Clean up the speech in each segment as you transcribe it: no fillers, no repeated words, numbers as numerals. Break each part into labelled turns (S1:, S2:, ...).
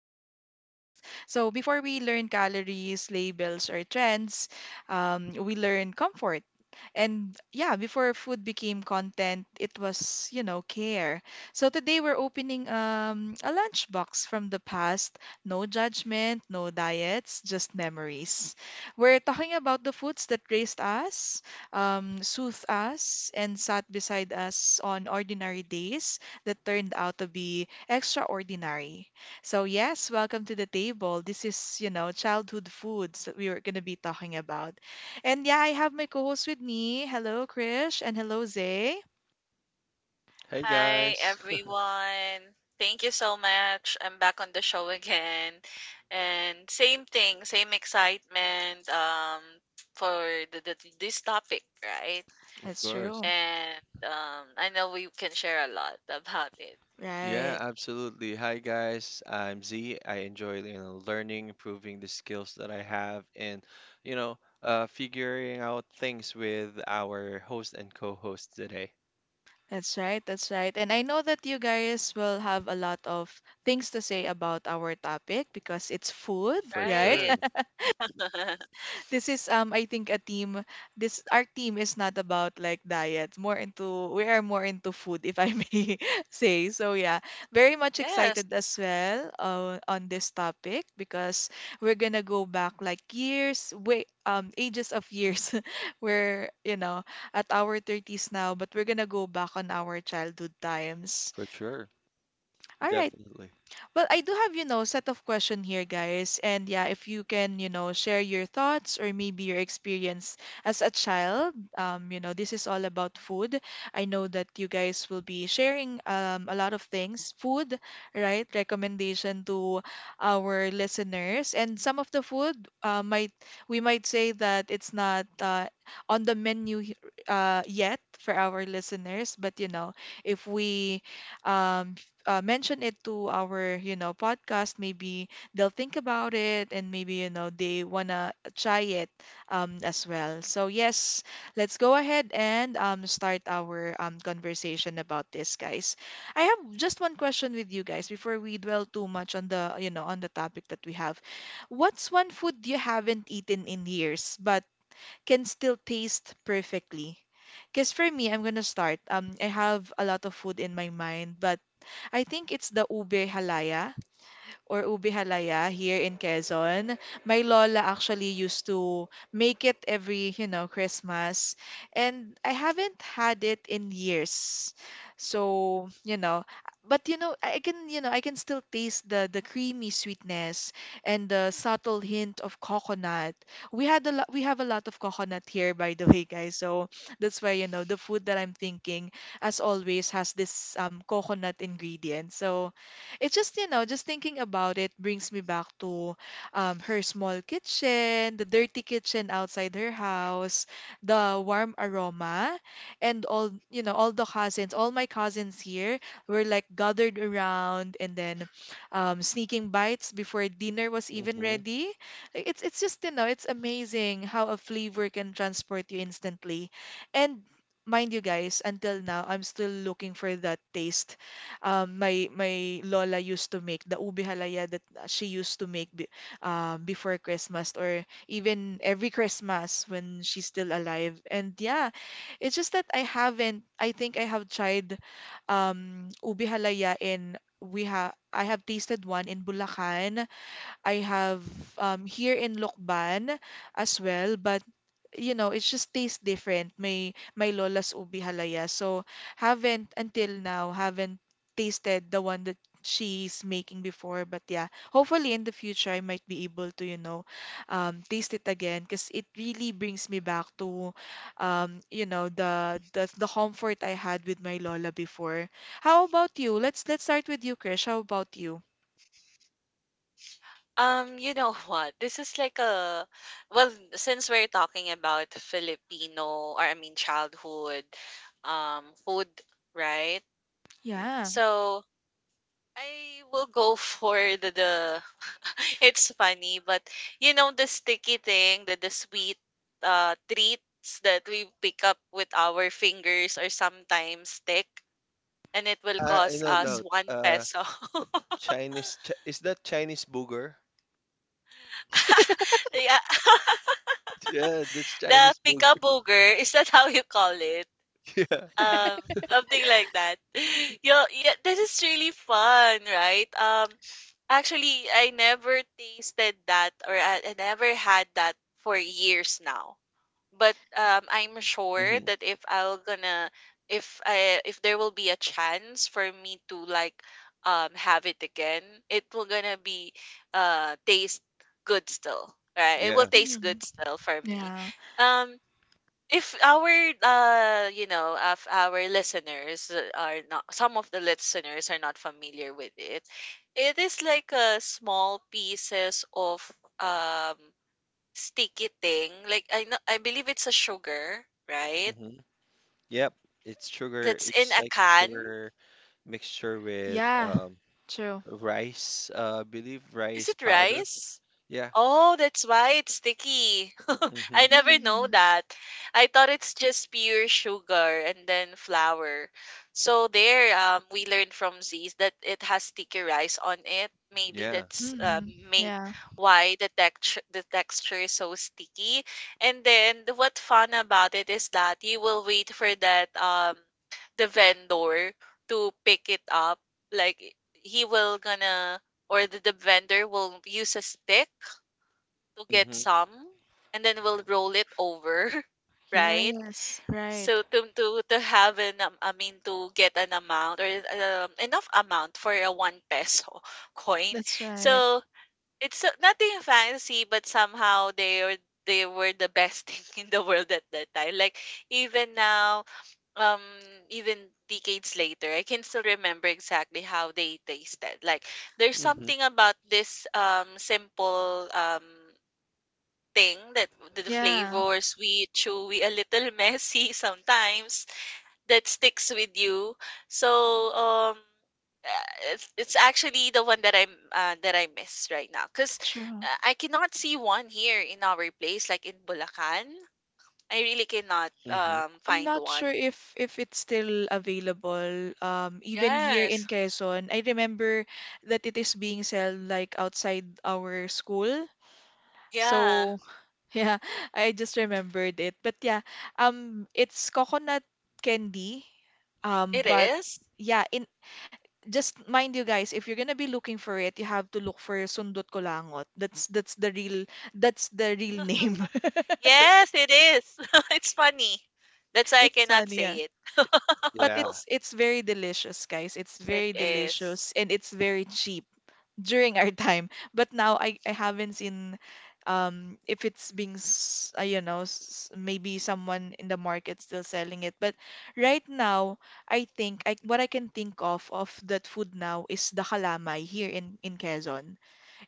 S1: my co host. So, before we learn calories, labels, or trends, we learn comfort, and yeah, before food became content, it was care. So today we're opening a lunchbox from the past. No judgment, no diets, just memories. We're talking about the foods that raised us, soothed us, and sat beside us on ordinary days that turned out to be extraordinary. So, yes, welcome to the table. This is childhood foods that we were going to be talking about. And yeah, I have my co-host with me. Hello, Krish, and hello, Zay.
S2: Hey
S3: Hi,
S2: guys,
S3: everyone. Thank you so much. I'm back on the show again. And same thing, same excitement for the this topic, right?
S2: of
S1: That's
S2: course.
S1: true.
S3: And I know we can share a lot about it.
S1: Right.
S2: Yeah, absolutely. Hi guys, I'm Z. I enjoy, learning, improving the skills that I have, and you know, figuring out things with our host and co-host today.
S1: That's right. That's right. And I know that you guys will have a lot of things to say about our topic because it's food,
S2: For
S1: right?
S3: Right.
S2: sure,
S1: This is I think a team this our team is not about like diets, more into we are more into food if I may say so, yeah. Very much
S3: Yes.
S1: excited as well on this topic because we're gonna go back like years way ages of years, we're at our 30s now, but we're gonna go back on our childhood times.
S2: for sure,
S1: All right.
S2: definitely.
S1: Well, I do have set of question here, guys. And yeah, if you can share your thoughts or maybe your experience as a child. This is all about food. I know that you guys will be sharing a lot of things, food, right? Recommendation to our listeners. And some of the food might we might say that it's not on the menu yet for our listeners, but if we um, mention it to our podcast, maybe they'll think about it and maybe they wanna try it as well. So yes, let's go ahead and start our conversation about this, guys. I have just one question with you guys before we dwell too much on the topic that we have. What's one food you haven't eaten in years but can still taste perfectly? Because for me, I'm gonna start. I have a lot of food in my mind, but I think it's the ube halaya or ube halaya here in Quezon. My lola actually used to make it every Christmas. And I haven't had it in years. So, you know, but I can still taste the creamy sweetness and the subtle hint of coconut. We have a lot of coconut here, by the way, guys. So that's why the food that I'm thinking, as always, has this coconut ingredient. So it's just just thinking about it brings me back to her small kitchen, the dirty kitchen outside her house, the warm aroma, and all the cousins, all my cousins here were like gathered around and then sneaking bites before dinner was even
S2: Mm-hmm.
S1: ready. Like, it's just, you know, it's amazing how a flavor can transport you instantly. And mind you guys, until now, I'm still looking for that taste. My lola used to make the ube halaya that she used to make before Christmas or even every Christmas when she's still alive. And yeah, it's just that I haven't. I think I have tried ube halaya in we have I have tasted one in Bulacan. I have here in Lokban as well, but it just tastes different. My lola's ubi halaya. So haven't until now haven't tasted the one that she's making before. But yeah, hopefully in the future I might be able to, you know, taste it again because it really brings me back to, you know, the comfort I had with my lola before. How about you? Let's start with you, Krish. How about you?
S3: You know what? This is like a well, since we're talking about Filipino or I mean childhood food, right?
S1: Yeah.
S3: So I will go for the it's funny, but you know the sticky thing, the sweet treats that we pick up with our fingers or sometimes stick and it will cost
S2: No
S3: us
S1: Mm.
S2: doubt.
S3: one peso.
S2: Chinese Ch is that Chinese booger?
S3: yeah.
S2: Yeah, that's
S3: The
S2: Chinese booger.
S3: pika booger, is that how you call it?
S2: Yeah.
S3: um Something like that. Yo, yeah, this is really fun, right? Actually, I never had that for years now, but I'm sure
S2: Mm-hmm.
S3: that if I'll gonna if I if there will be a chance for me to like have it again, it will gonna be taste good still, right? It will
S2: Yeah.
S3: taste good
S1: Mm.
S3: still for me.
S1: Yeah.
S3: um if our listeners are not, some of the listeners are not familiar with it, it is like a small pieces of um sticky thing, like I know I believe it's a sugar, right?
S2: Mm-hmm. Yep. It's sugar.
S3: That's in
S2: It's
S3: a
S2: like
S3: can.
S2: sugar mixture with,
S1: Yeah. True.
S2: rice, believe
S3: Is
S2: rice
S3: it
S2: powder.
S3: rice?
S2: Yeah.
S3: Oh, that's why it's sticky.
S2: Mm-hmm.
S3: I never know
S1: Mm-hmm.
S3: that. I thought it's just pure sugar and then flour. So there, we learned from Z's that it has sticky rice on it. Maybe
S2: Yeah.
S3: that's
S1: Mm-hmm.
S3: make
S1: Yeah.
S3: why the texture is so sticky. And then the- what fun about it is that you will wait for that the vendor to pick it up. Like he will gonna or the vendor will use a stick to get
S2: Mm-hmm.
S3: some and then we'll roll it over. Right,
S1: Yes. Right.
S3: so to have an I mean to get an amount or enough amount for a one peso coin.
S1: That's right.
S3: So it's so- nothing fancy, but somehow they are they were the best thing in the world at that time. Like even now, um even decades later, I can still remember exactly how they tasted. Like there's
S2: Mm-hmm.
S3: something about this simple thing that the
S1: Yeah.
S3: flavor, sweet, chewy, a little messy sometimes, that sticks with you. So um it's actually the one that I'm that I miss right now because
S1: True.
S3: I cannot see one here in our place like in Bulacan. I really cannot
S2: Mm-hmm.
S1: I'm
S3: find
S1: not
S3: one.
S1: sure if it's still available. Even here in
S3: Yes.
S1: Quezon, I remember that it is being sold like outside our school.
S3: Yeah,
S1: So yeah, I just remembered it. But yeah, it's coconut candy.
S3: it
S1: But
S3: is.
S1: yeah, in just mind you guys, if you're gonna be looking for it, you have to look for Sundot Kulangot. That's the real name.
S3: Yes, it is. It's funny. That's why I cannot
S1: Yeah.
S3: say it.
S1: But
S2: Yeah.
S1: it's very delicious, guys. It's
S3: It
S1: very
S3: is.
S1: delicious and it's very cheap during our time. But now I haven't seen if it's being s- you know s- maybe someone in the market still selling it. But right now, I think I what I can think of that food now is the kalamay here in Quezon.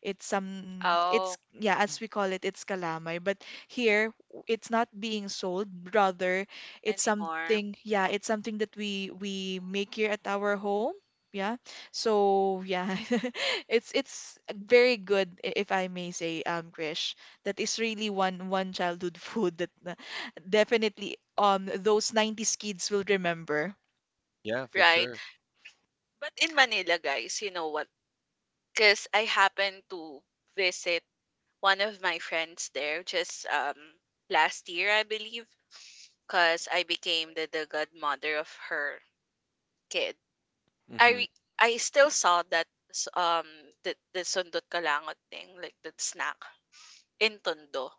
S1: It's
S3: Oh,
S1: yeah, as we call it, it's kalamay. But here it's not being sold, rather it's
S3: anymore.
S1: something yeah, it's something that we make here at our home. Yeah. So yeah, it's very good if I may say, Krish. That is really one childhood food that definitely those 90s kids will remember.
S2: Yeah, for
S3: Right.
S2: sure.
S3: But in Manila, guys, you know what? Because I happened to visit one of my friends there just last year, I believe. Because I became the godmother of her kid.
S2: Mm-hmm.
S3: I still saw that the sundot kalangot thing, like that snack in Tondo.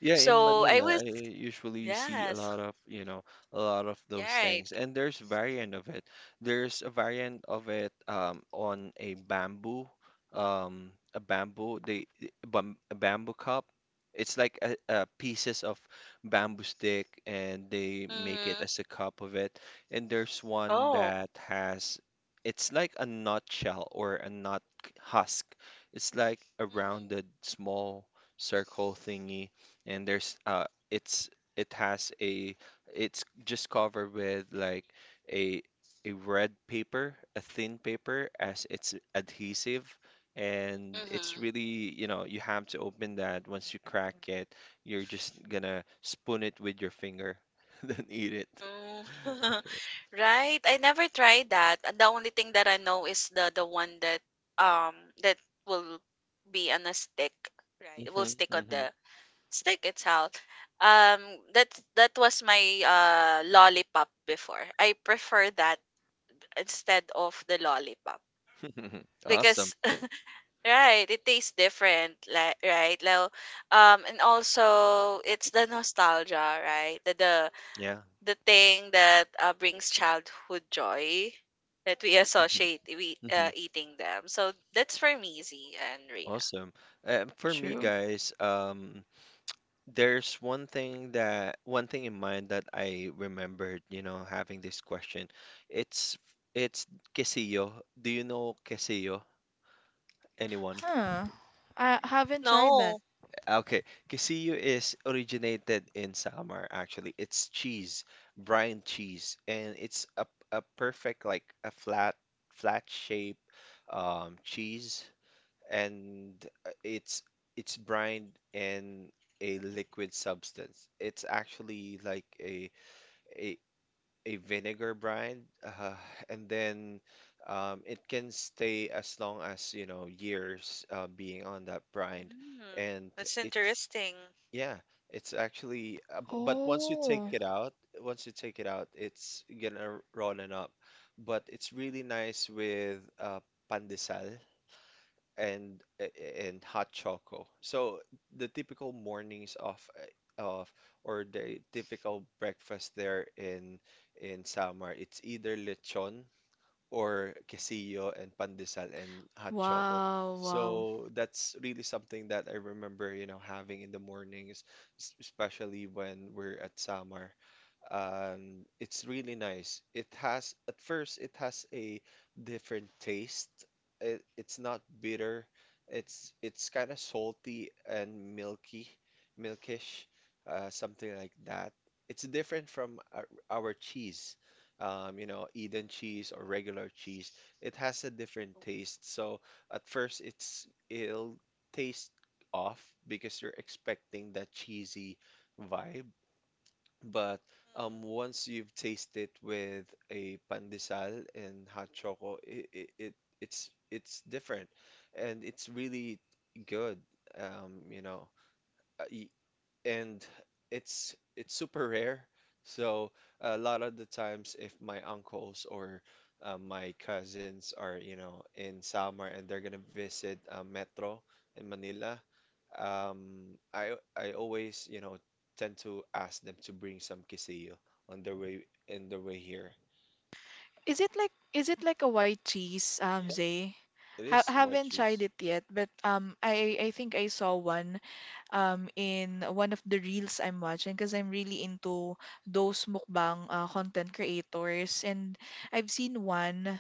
S2: Yeah, in
S3: So I
S2: Manila,
S3: was
S2: I usually see a
S3: yes,
S2: lot of, you know, a lot of those
S3: yeah, right.
S2: things. And there's variant of it. There's a variant of it on a bamboo, um, a bamboo, they a bamboo cup. It's like a pieces of bamboo stick, and they make it
S3: Hmm.
S2: as a cup of it. And there's one
S3: Oh.
S2: that has, it's like a nutshell or a nut husk. It's like a
S3: Mm-hmm.
S2: rounded small circle thingy, and there's it's it has a it's just covered with like a a red paper, a thin paper as it's adhesive, and it's
S3: Mm-hmm.
S2: really, you have to open that. Once you crack it, you're just gonna spoon it with your finger, then eat it.
S3: Mm. Right, I never tried that. The only thing that I know is the one that um that will be on a stick, right? It will
S2: Hmm.
S3: stick on
S2: Hmm.
S3: the stick itself. Um that that was my lollipop before. I prefer that instead of the lollipop
S2: Awesome.
S3: because right, it tastes different, like, right? Like, and also it's the nostalgia, right? The the
S2: Yeah.
S3: the thing that brings childhood joy that we
S2: Hmm.
S3: associate we
S2: Hmm.
S3: eating them. So that's for me, Z and Reina.
S2: Awesome. For me,
S1: True.
S2: guys, there's one thing in mind that I remembered, having this question. It's it's quesillo. Do you know quesillo? Anyone?
S1: Huh. I haven't tried that.
S3: No.
S2: Okay, quesillo is originated in Samar, actually. It's cheese, brine cheese, and it's a perfect, like a flat shape cheese, and uh, it's it's brined in a liquid substance. It's actually like a a vinegar brine, and then, it can stay as long as, years, being on that brine,
S3: Mm.
S2: and
S3: That's
S2: it's,
S3: interesting.
S2: yeah, it's actually... But once you take
S1: Oh,
S2: it out, it's gonna rolling up. But it's really nice with pandesal and and hot choco. So the typical mornings, of eh, of or the typical breakfast there in Samar, it's either lechon, or quesillo and pandesal and hot choco.
S1: wow, wow.
S2: So that's really something that I remember, having in the mornings, especially when we're at Samar. It's really nice. At first, it has a different taste. It's not bitter. It's kind of salty and milky, milkish, something like that. It's different from our cheese, Eden
S3: Mhm.
S2: cheese or regular cheese. It has a different taste. So at first, it'll taste off because you're expecting that cheesy vibe, but
S3: Mhm.
S2: once you've tasted it with a pandesal and hot choco, it's different, and it's really good. Um, you know, Uh, y- and it's super rare. So a lot of the times, if my uncles or my cousins are, in summer and they're gonna visit Metro in Manila, I always, tend to ask them to bring some quesillo on their way in their way here.
S1: Is it like a white cheese, Zay?
S2: It
S1: Ha
S2: is white
S1: haven't tried
S2: cheese.
S1: it yet, but I think I saw one, in one of the reels I'm watching because I'm really into those mukbang content creators, and I've seen one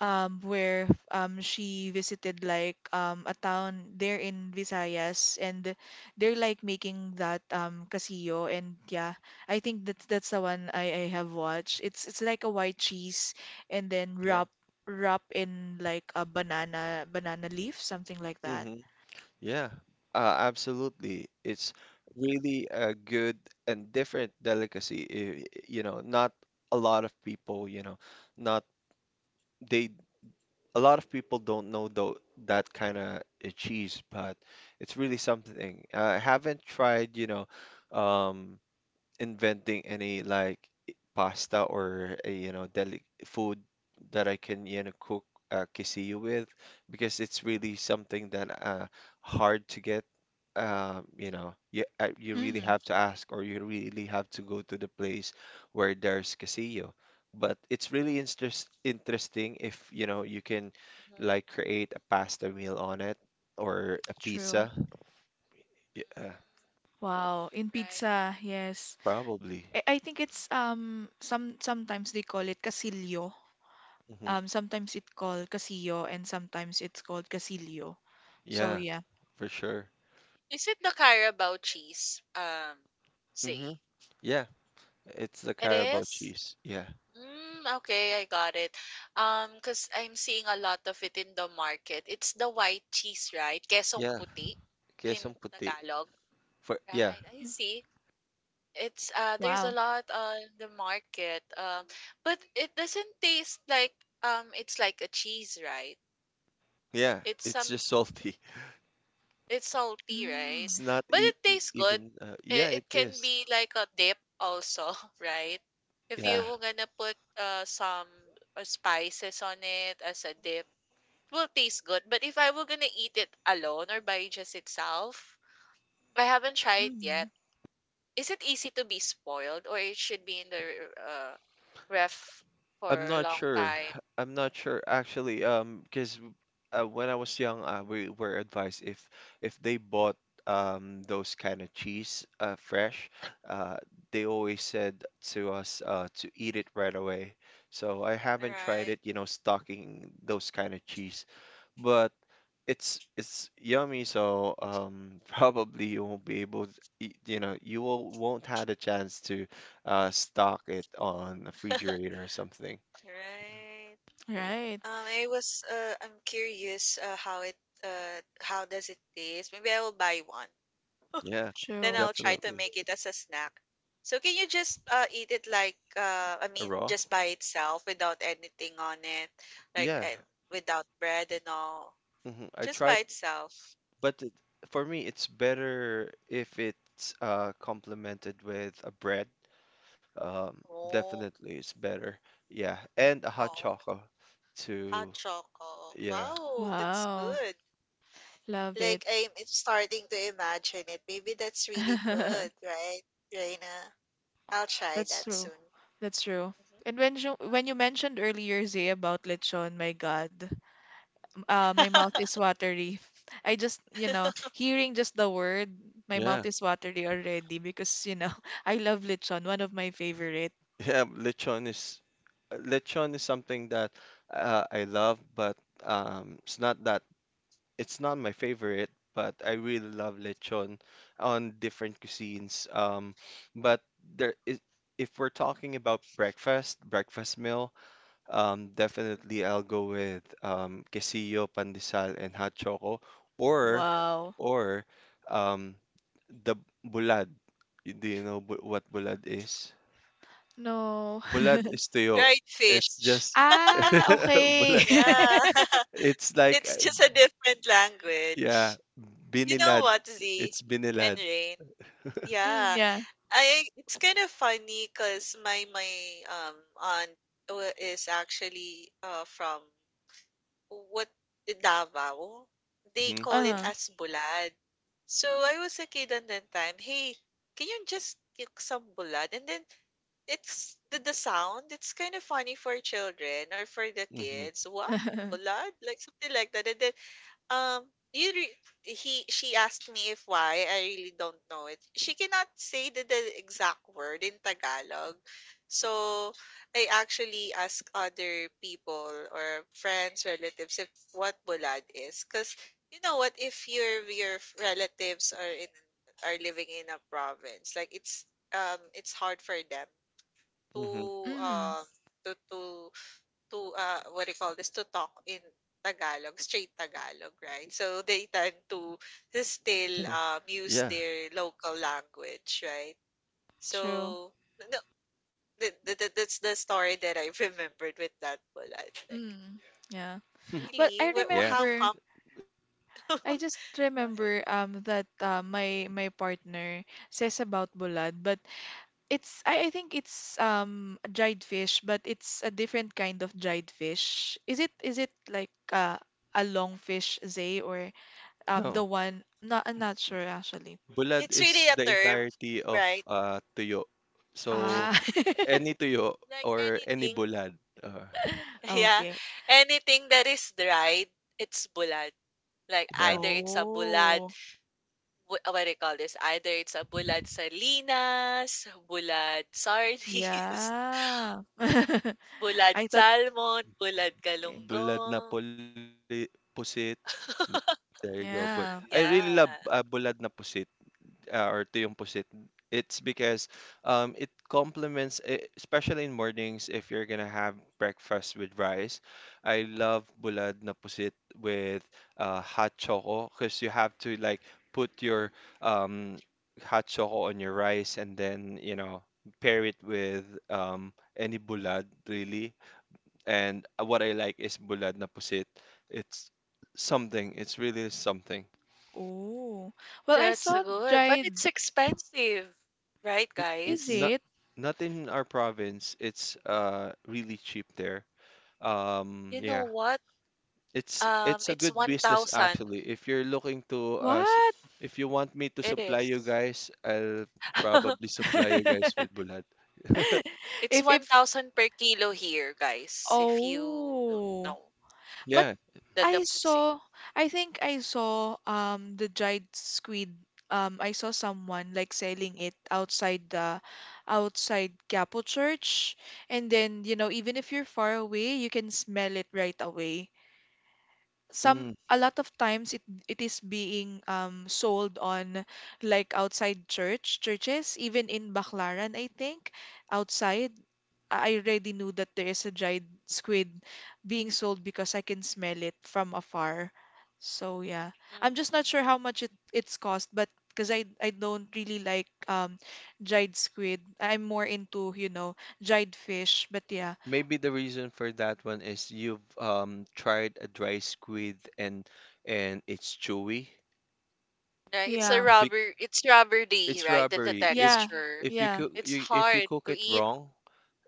S1: where she visited like a town there in Visayas, and they're like making that casillo, and yeah, I think that's the one I have watched. It's like a white cheese, and then
S2: Yeah.
S1: wrap in like a banana leaf, something like that.
S2: Hmm. Yeah, absolutely. It's really a good and different delicacy. Not a lot of people, you know, not they, a lot of people don't know, though, that kind of cheese, but it's really something. I haven't tried, um, inventing any like pasta or a deli food that I can cook quesillo with, because it's really something that hard to get, you, you really
S1: Mm,
S2: have to ask, or you really have to go to the place where there's quesillo. But it's really interesting if you can,
S3: Mm.
S2: like, create a pasta meal on it, or a
S1: true.
S2: pizza. Yeah,
S1: Wow, in
S3: Right.
S1: pizza, yes.
S2: probably.
S1: I think it's sometimes they call it casillo.
S2: Hmm.
S1: Sometimes it's called Casillo and sometimes it's called Casilio. So
S2: Yeah,
S1: yeah.
S2: for sure.
S3: Is it the Carabao cheese?
S2: Hmm.
S3: Z.
S2: Yeah, it's the
S3: It
S2: Carabao
S3: is?
S2: cheese. Yeah,
S3: Mm, okay, I got it. Cause I'm seeing a lot of it in the market. It's the white cheese, right? Quesong
S2: yeah,
S3: puti
S2: queso
S3: in
S2: puti.
S3: Tagalog.
S2: For yeah,
S3: Right, I
S1: Yeah.
S3: see. It's there's a
S1: Wow.
S3: lot on the market. But it doesn't taste like it's like a cheese, right?
S2: yeah,
S3: It's
S2: it's
S3: some
S2: just salty.
S3: it's salty,
S1: Mm.
S3: right?
S2: It's not
S3: But
S2: e
S3: it tastes good.
S2: even. Yeah,
S3: It,
S2: it
S3: it can
S2: is.
S3: be like a dip also, right? If
S2: Yeah,
S3: you're gonna put some spices on it as a dip, it will taste good. But if I were gonna eat it alone or by just itself, I haven't tried it yet.
S1: Mm.
S3: Is it easy to be spoiled, or it should be in the uh, ref
S2: I'm
S3: for a
S2: not
S3: long
S2: sure.
S3: time?
S2: I'm not sure, actually. Because when I was young, we were advised, if they bought those kind of cheese fresh, uh, they always said to us to eat it right away. So I haven't tried
S3: Right,
S2: it, stocking those kind of cheese. But it's yummy, so, probably you won't be able to, you won't have a chance to stock it on a refrigerator or something.
S3: right.
S1: Right.
S3: I'm curious how it how does it taste? Maybe I will buy one.
S2: Yeah,
S3: Then
S1: True.
S3: I'll try to
S2: definitely.
S3: make it as a snack. So can you just eat it like I
S2: A
S3: mean
S2: raw?
S3: just by itself without anything on it, like
S2: Yeah.
S3: without bread and all,
S2: Hmm, I
S3: just
S2: tried,
S3: by itself.
S2: but, for me, it's better if it's complemented with a bread.
S3: Oh,
S2: Definitely, it's better. Yeah, and a hot
S3: oh,
S2: chocolate
S3: hot
S2: too.
S3: choco.
S2: Yeah.
S3: Wow, that's
S1: Wow.
S3: good.
S1: Love it.
S3: Like I'm starting to imagine it. Maybe that's really good, right, Reina? I'll try
S1: That's
S3: that
S1: true.
S3: soon.
S1: That's true.
S3: Mhm.
S1: And when you mentioned earlier, Zay, about lechon, my God, my mouth is watery. I just hearing just the word, my mouth
S2: Yeah.
S1: is watery already because I love lechon, one of my favorite.
S2: Yeah, lechon is something that I love, but um, it's not that it's not my favorite, but I really love lechon on different cuisines. But there is, if we're talking about breakfast, breakfast meal, definitely I'll go with, quesillo, pandesal, and hot choco, or,
S1: Wow.
S2: or um, the bulad. Do you know what bulad is?
S1: No.
S2: Bulad is tuyo.
S3: Dried
S2: It's
S3: fish.
S2: just
S1: Ah, okay.
S2: bulad.
S3: Yeah.
S2: It's like,
S3: It's just a different
S2: yeah,
S3: language. You know
S2: binilad.
S3: what, Z
S2: It's
S3: and
S2: binilad.
S3: Rain?
S1: Mm,
S3: Yeah.
S1: yeah.
S3: I it's kind of funny because my um aunt is actually from what Davao, they
S2: Mhm.
S3: call it
S1: Uh-huh.
S3: as bulad. So I was a kid on that time. Hey, can you just cook some bulad? And then it's the sound. It's kind of funny for children or for the
S2: Mhm.
S3: kids. What bulad? Like something like that. And then um, you re he she asked me if why. I really don't know it. She cannot say the exact word in Tagalog. So I actually ask other people or friends, relatives, if what bulad is. Because you know what, if your your relatives are in are living in a province, like it's hard for them to
S2: Mhm.
S3: um
S1: Mm,
S3: to to what do you call this, to talk in Tagalog, straight
S2: Yeah.
S3: Tagalog, right?
S2: Yeah.
S3: So they tend to still use their local language, right?
S1: true.
S3: So no, that's the story that I remembered with that bullet. Like,
S1: Mm,
S2: Yeah.
S1: yeah. Well,
S3: really,
S2: There.
S3: How come?
S1: I just
S3: Go ahead.
S1: remember that my partner says about bulad, but I think it's dried fish, but it's a different kind of dried fish. Is it like a long fish, Zay, or
S2: No.
S1: the one? Not I'm not sure actually.
S2: Bulad
S3: It's
S2: is
S3: really
S2: the
S3: a term,
S2: entirety of
S3: right?
S2: tuyo. So
S1: Ah,
S2: any tuyo
S3: Like
S2: or any
S3: anything,
S2: bulad.
S3: yeah,
S1: okay.
S3: anything that is dried, it's bulad. Like
S2: Yeah.
S3: either it's a bulad
S1: Oh.
S3: what do you call this? Either it's a bulad salinas, bulad sardines,
S1: Yeah.
S3: bulad
S1: I thought,
S3: salmon, bulad
S1: eh,
S2: Bulad na
S3: galunggong.
S2: puli, pusit. There you go. But I really
S1: yeah.
S2: love
S3: Yeah,
S2: bulad na pusit. Or to yung pusit, it's because, it complements, especially in mornings, if you're gonna have breakfast with rice. I love bulad na pusit with hot choco, because you have to, like, put your, um, hot choco on your rice, and then, pair it with, any bulad, really. And what I like is bulad na pusit. It's something, it's really something.
S1: Oh. Well, I
S3: that's
S1: saw
S3: good. But
S1: dried.
S3: it's expensive, right,
S2: N-
S1: Is
S3: guys?
S2: Not
S1: it?
S2: not in our province. It's really cheap there.
S3: You know
S2: Yeah.
S3: what?
S2: It's it's a
S3: It's
S2: good business,
S3: 1,000.
S2: actually. If you're looking to
S1: What?
S2: if you want me to
S3: It
S2: supply you
S3: is.
S2: guys, I'll probably supply you guys with bulat.
S3: It's
S1: If,
S3: 1,000 per kilo here, guys, if you don't
S1: oh.
S3: know
S1: But
S2: Yeah.
S3: the
S1: I
S3: deposit.
S1: saw, I think I saw the dried squid. I saw someone like selling it outside the outside Capo Church. And then, even if you're far away, you can smell it right away. Some
S2: Mm.
S1: A lot of times it is being sold on like outside churches, even in Baclaran, I think. Outside, I already knew that there is a dried squid being sold because I can smell it from afar, so yeah. I'm just not sure
S3: Mhm.
S1: how much it's cost, but because I don't really like dried squid. I'm more into dried fish, but yeah.
S2: Maybe the reason for that one is you've tried a dry squid, and it's chewy.
S3: Right, it's a
S1: Yeah.
S2: Big,
S3: rubber it's rubbery,
S2: it's
S3: right? The
S2: rubbery. If
S1: Yeah.
S3: texture.
S2: if you
S1: Yeah.
S2: cook
S3: It's hard to
S2: it
S3: eat.
S2: wrong,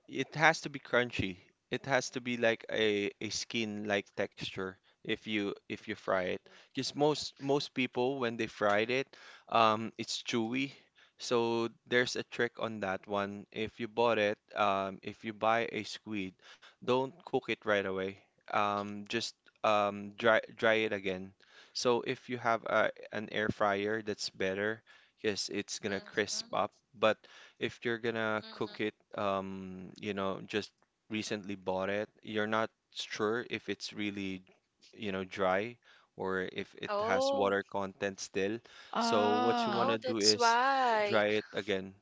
S2: it has to be crunchy. It has to be like a skin like texture if you fry it.
S3: Mm-hmm.
S2: Because most people when they fried it, it's chewy. So there's a trick on that one. If you bought it, if you buy a squid, don't cook it right away. Just, dry it again. So if you have an air fryer, that's better because it's gonna crisp up.
S3: Mm-hmm.
S2: But if you're gonna cook it,
S3: Mm-hmm.
S2: just recently bought it, you're not sure if it's really, dry, or if it has
S3: Oh,
S2: water content still. So what you
S1: Ah.
S3: oh,
S2: wanna do
S3: that's
S2: is
S3: why.
S2: dry it again.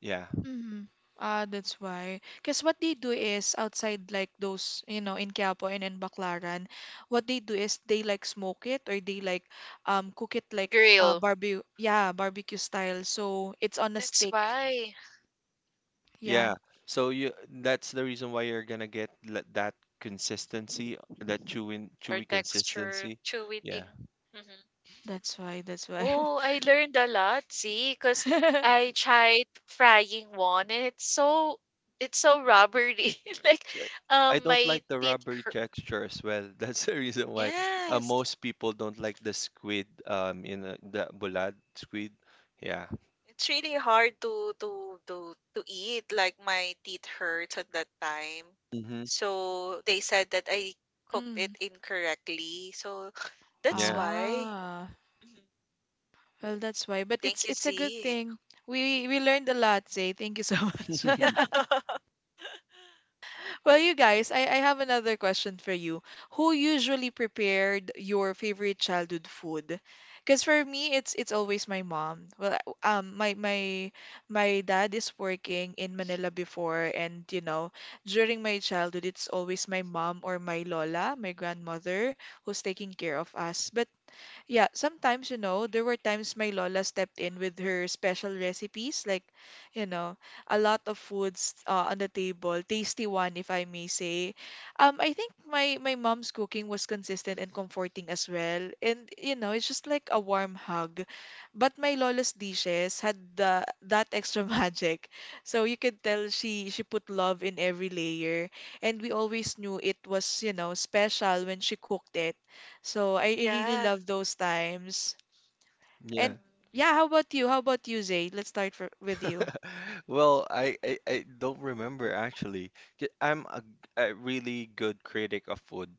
S2: Yeah.
S1: Mm-hmm. Ah, that's why. Because what they do is outside, like those, in Quiapo and in Baclaran, what they do is they like smoke it or they like cook it like
S3: Grill.
S1: barbecue style. So it's on a
S3: That's
S1: stick.
S3: why.
S1: Yeah,
S2: Yeah. So you that's the reason why you're gonna get, that consistency, that chewy,
S3: Or
S2: chewy
S3: texture,
S2: consistency.
S3: chewy thing.
S2: Yeah.
S3: Mm-hmm.
S1: that's why. That's why.
S3: Oh, I learned a lot, see, because I tried frying one and it's so rubbery. Like
S2: s- I don't
S3: my
S2: like the
S3: teeth
S2: rubbery
S3: hurt.
S2: texture as well. That's the reason why
S3: Yes.
S2: most people don't like the squid, in, the bulad squid. Yeah.
S3: It's really hard to eat. Like my teeth hurts at that time.
S2: Mm-hmm.
S3: So they said that I cooked
S1: Mm.
S3: it incorrectly. So that's
S2: Yeah.
S3: why.
S1: Ah,
S3: Mhm.
S1: well, that's why. But it's
S3: Thank you,
S1: it's a good
S3: Z.
S1: thing. We learned a lot, Zay. Thank you so much. Well, you guys, I have another question for you. Who usually prepared your favorite childhood food? Because for me, it's always my mom. Well, um, my my my dad is working in Manila before, and during my childhood, it's always my mom or my lola, my grandmother, who's taking care of us. But yeah, sometimes there were times my Lola stepped in with her special recipes, like, you know, a lot of foods on the table, tasty one, if I may say. I think my mom's cooking was consistent and comforting as well, and it's just like a warm hug. But my Lola's dishes had the that extra magic, so you could tell she put love in every layer, and we always knew it was special when she cooked it, so I really
S3: Yeah.
S1: love those times.
S2: Yeah.
S1: And
S3: Mhm.
S1: yeah, how about you? How about you, Zay? Let's start with you.
S2: Well, I don't remember, actually. I'm a really good critic of food.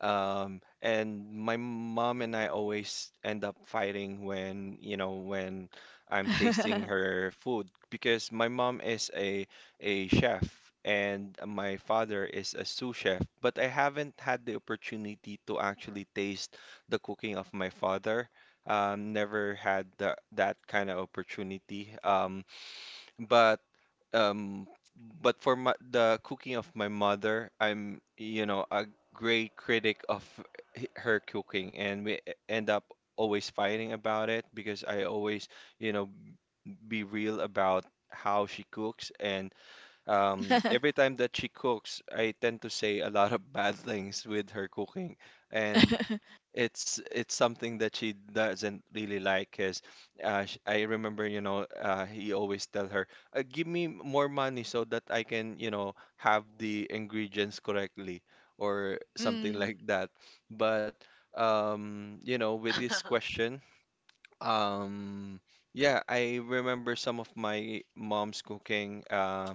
S2: And my mom and I always end up fighting when, when I'm tasting her food because my mom is a chef and my father is a sous chef, but I haven't had the opportunity to actually taste the cooking of my father. Never had the, that kind of opportunity. But um but For my, the cooking of my mother, I'm, a great critic of her cooking, and we end up always fighting about it, because I always, you know, be real about how she cooks, and every time that she cooks, I tend to say a lot of bad things with her cooking, and it's something that she doesn't really like. Cause I remember, he always tell her, "Give me more money so that I can, have the ingredients correctly," or something
S1: Mm,
S2: like that. But, with this
S3: Mm.
S2: question. Um, yeah, I remember some of my mom's cooking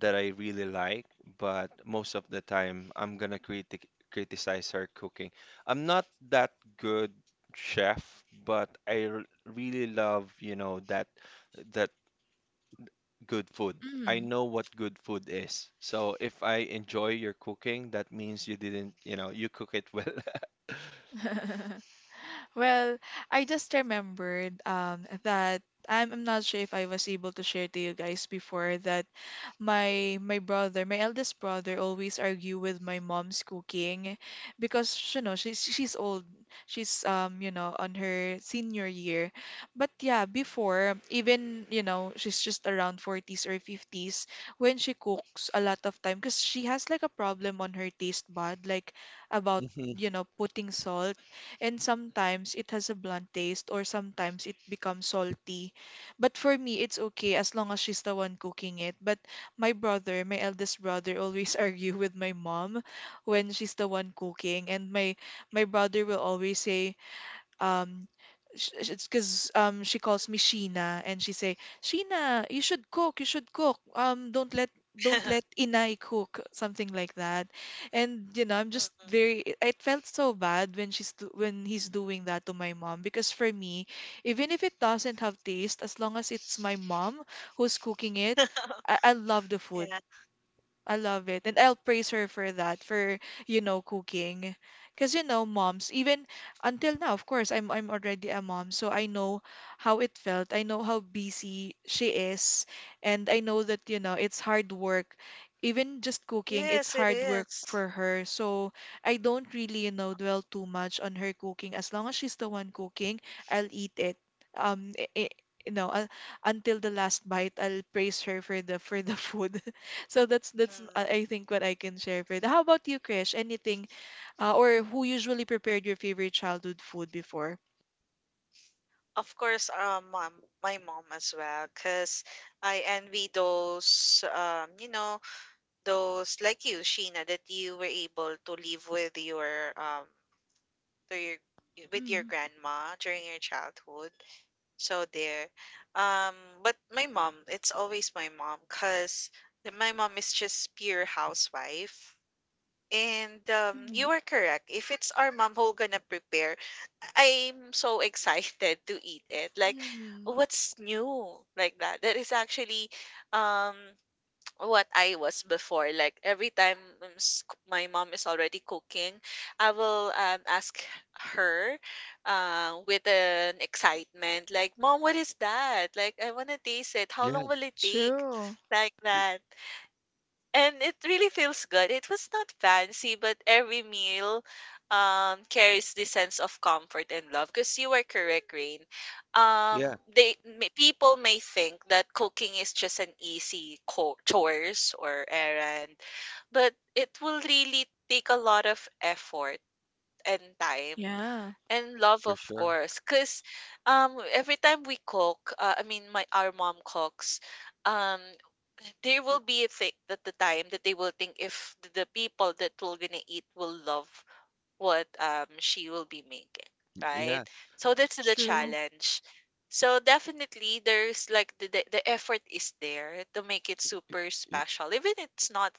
S2: that I really like, but most of the time I'm gonna criticize her cooking. I'm not that good chef, but I r really love, that that good food. I
S1: mm.
S2: know what good food is. So if I enjoy your cooking, that means you didn't, you cook it well.
S1: Well, I just remembered that I'm not sure if I was able to share to you guys before that my brother, my eldest brother, always argue with my mom's cooking because you know she's old. She's you know on her senior year, but yeah before even you know she's just around 40s or 50s when she cooks a lot of time because she has like a problem on her taste bud like about
S2: Hmm.
S1: you know putting salt, and sometimes it has a blunt taste or sometimes it becomes salty, but for me it's okay as long as she's the one cooking it. But my brother, my eldest brother, always argue with my mom when she's the one cooking, and my brother will always say, um it's because she calls me Sheena and she say, "Sheena, you should cook, you should cook, don't let Inay cook," something like that. And you know I'm just
S3: Mm-mm.
S1: very, it felt so bad when when he's doing that to my mom, because for me, even if it doesn't have taste, as long as it's my mom who's cooking it, I love the food.
S3: Yeah.
S1: I love it. And I'll praise her for that, for, you know, cooking. Because, you know, moms, even until now, of course, I'm already a mom, so I know how it felt. I know how busy she is, and I know that, you know, it's hard work. Even just cooking, it's
S3: Yes, it
S1: hard work
S3: is.
S1: for her. So I don't really, you know, dwell too much on her cooking. As long as she's the one cooking, I'll eat it. Um, i i- you know, until the last bite, I'll praise her for the food. So that's
S3: Mm.
S1: I think what I can share for that. How about you, Krish? Anything, or who usually prepared your favorite childhood food before?
S3: Of course, mom, my mom as well, because I envy those, you know, those like you, Sheena, that you were able to live with your to your with your
S1: Mm,
S3: grandma during your childhood. So there. Um but my mom, it's always my mom cuz my mom is just pure housewife. And
S1: mm,
S3: you are correct. If it's our mom who gonna prepare, I'm so excited to eat it. Like,
S1: mm,
S3: what's new? Like that. That is actually um what I was before. Like every time um, s- my mom is already cooking, I will ask her with an excitement, like, "Mom, what is that? Like, I wanna taste it. How
S2: Yeah,
S3: long will it take?"
S1: true.
S3: Like
S2: y-
S3: that, and it really feels good. It was not fancy, but every meal carries this sense of comfort and love. Because you were correct, Rain. Um,
S2: yeah,
S3: they may, people may think that cooking is just an easy co- chores or errand, but it will really take a lot of effort and time
S1: Yeah.
S3: and love,
S2: for
S3: of
S2: sure.
S3: course, because every time we cook my our mom cooks, um there will be a thing that the time that they will think if the people that will gonna eat will love what she will be making, right?
S2: Yeah.
S3: So that's the
S1: True.
S3: challenge. So definitely there's like the effort is there to make it super special, even it's not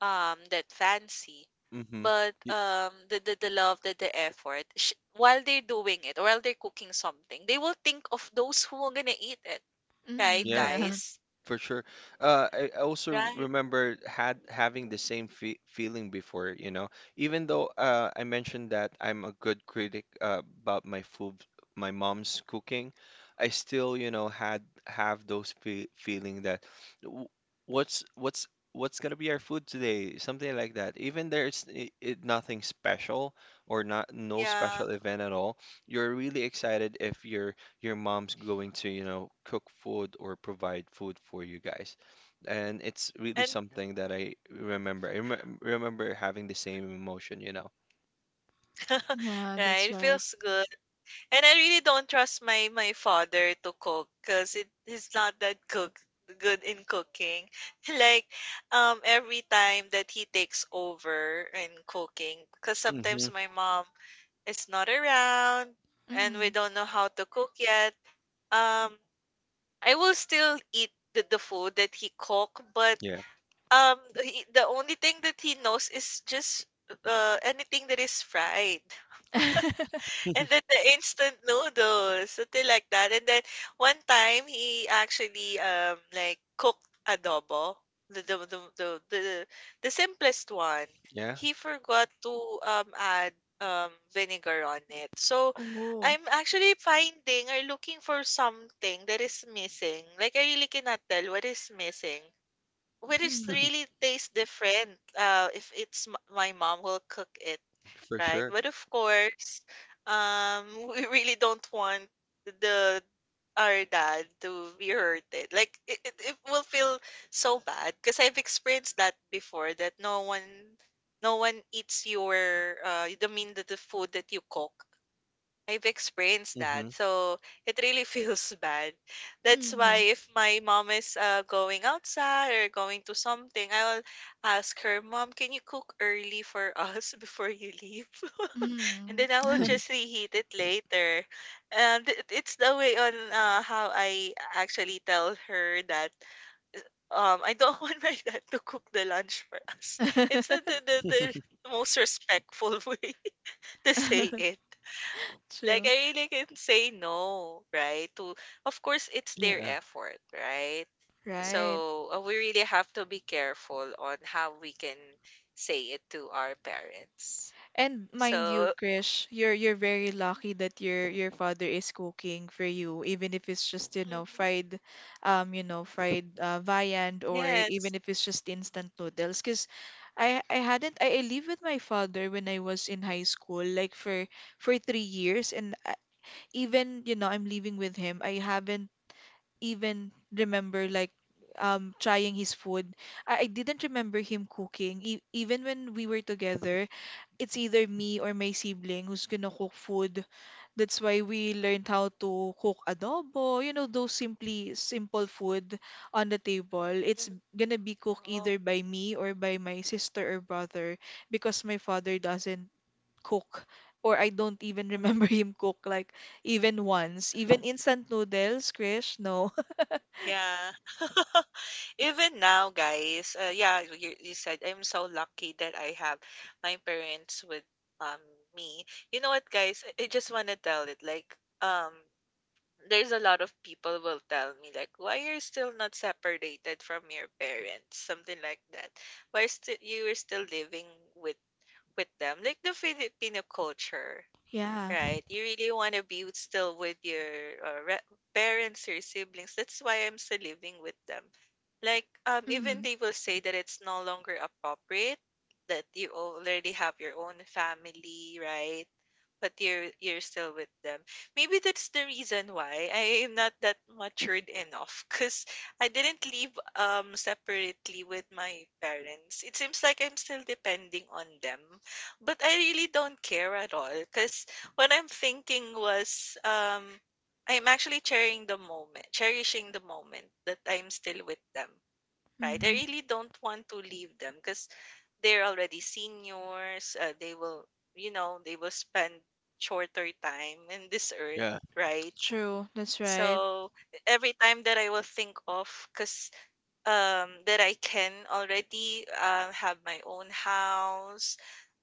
S3: that fancy,
S2: Mm-hmm.
S3: but the love that the effort while they're doing it or while they're cooking something, they will think of those who are gonna eat it, right,
S1: Mm,
S2: Yeah,
S1: yeah.
S3: guys?
S2: for sure. I also
S3: Right.
S2: remember had having the same fe feeling before. Even though I mentioned that I'm a good critic about my food, my mom's cooking, I still, you
S3: Mhm.
S2: know, had have those fe feeling that "W- what's what's gonna be our food today," something like that. Even nothing special or not no
S3: Yeah.
S2: special event at all. You're really excited if you're your mom's going to, you know, cook food or provide food for you guys. And it's really
S3: And
S2: something that I remember. I remember having the same emotion, you know.
S1: Yeah,
S3: right,
S1: that's
S3: it
S1: right.
S3: feels good. And I really don't trust my my father to cook because it he's not that cook good in cooking. Like every time that he takes over in cooking, because
S2: Hmm.
S3: sometimes my mom is not around and we
S1: Mm.
S3: don't know how to cook yet. Um, I will still eat the food that he cook, but
S2: Yeah.
S3: um the, the only thing that he knows is just anything that is fried. And then the instant noodles, something like that. And then one time he actually like cooked adobo, the the the the, the, the simplest one.
S2: Yeah.
S3: He forgot to add vinegar on it. So
S1: Oh.
S3: I'm actually finding or looking for something that is missing. Like I really cannot tell what is missing. What is
S1: Mm,
S3: really tastes different if it's my mom will cook it.
S2: For
S3: Right.
S2: sure.
S3: But of course, um, we really don't want the our dad to be hurted. Like it will feel so bad because I've experienced that before that no one eats your the food that you cook. I've experienced
S2: Hmm.
S3: that. So it really feels bad. That's
S1: mm,
S3: why
S1: yeah.
S3: if my mom is going outside or going to something, I'll ask her, Mom, can you cook early for us before you leave? And
S1: Mm.
S3: then I will just reheat it later. And it's the way on how I actually tell her that I don't want my dad to cook the lunch for us. It's the most respectful way to say it. Like
S1: True.
S3: I really can say no, right? To of course it's their
S2: Yeah.
S3: effort, right?
S1: Right.
S3: So we really have to be careful on how we can say it to our parents.
S1: And mind you,
S3: So
S1: Krish, you're very lucky that your father is cooking for you, even if it's just,
S3: mhm.
S1: you know, fried viand, or
S3: Yes.
S1: even if it's just instant noodles. Because I hadn't I lived with my father when I was in high school, like for 3 years, and I, even you know I'm living with him, I haven't even remember like trying his food. I didn't remember him cooking, e even when we were together, it's either me or
S3: Mm-hmm.
S1: my sibling who's gonna cook food. That's why we learned how to cook adobo, you know, those simply simple food on the table. It's
S3: Mhm.
S1: gonna be cooked
S3: Oh.
S1: either by me or by my sister or brother, because my father doesn't cook, or I don't even remember him cook like even once.
S3: Mhm.
S1: Even instant noodles, Krish, no.
S3: Yeah. Even now, guys, yeah, you said I'm so lucky that I have my parents with um me. You know what, guys? I just want to tell it like um there's a lot of people will tell me like why you're still not separated from your parents, something like that. Why still you are still living with with them? Like the Filipino culture.
S1: Yeah.
S3: Right. You really want to be with- still with your uh, re- parents or siblings. That's why I'm still living with them. Like, even
S1: Mm,
S3: they will say that it's no longer appropriate that you already have your own family, right? But you're still with them. Maybe that's the reason why I am not that matured enough because I didn't live separately with my parents. It seems like I'm still depending on them, but I really don't care at all because what I'm thinking was I'm actually cherishing the moment that I'm still with them. Right? I
S1: mm,
S3: really don't want to leave them because they're already seniors. They will, you know, they will spend shorter time in this earth,
S2: Yeah.
S3: right?
S1: true. That's right.
S3: So every time that I will think of, because that I can already have my own house,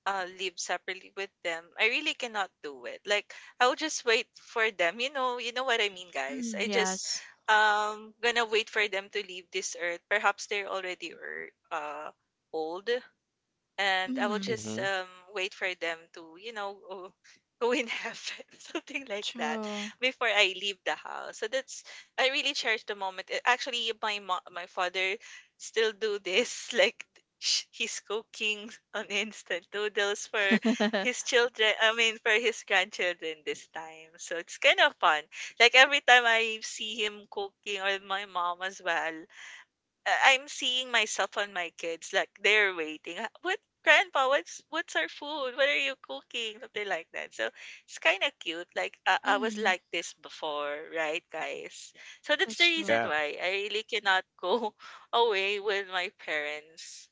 S3: live separately with them, I really cannot do it. Like I will just wait for them. You know what I mean, guys.
S1: Mm,
S3: I just
S1: yes.
S3: gonna wait for them to leave this earth. Perhaps they're already old and I will
S1: Mm,
S3: just
S2: Hmm.
S3: wait for them to, you know, go go in heaven, something like that,
S1: true.
S3: before I leave the house. So that's I really cherish the moment. Actually, my my father still do this, like he's cooking on instant noodles for his children. I mean, for his grandchildren this time. So it's kind of fun. Like every time I see him cooking, or my mom as well, I'm seeing myself on my kids, like they're waiting. "Ah, what grandpa, what's our food? What are you cooking?" Something like that. So it's kind of cute. Like I was
S1: Mm.
S3: like this before, right, guys? So that's the
S1: That's true.
S3: reason
S2: Yeah.
S3: why I really cannot go away with my parents.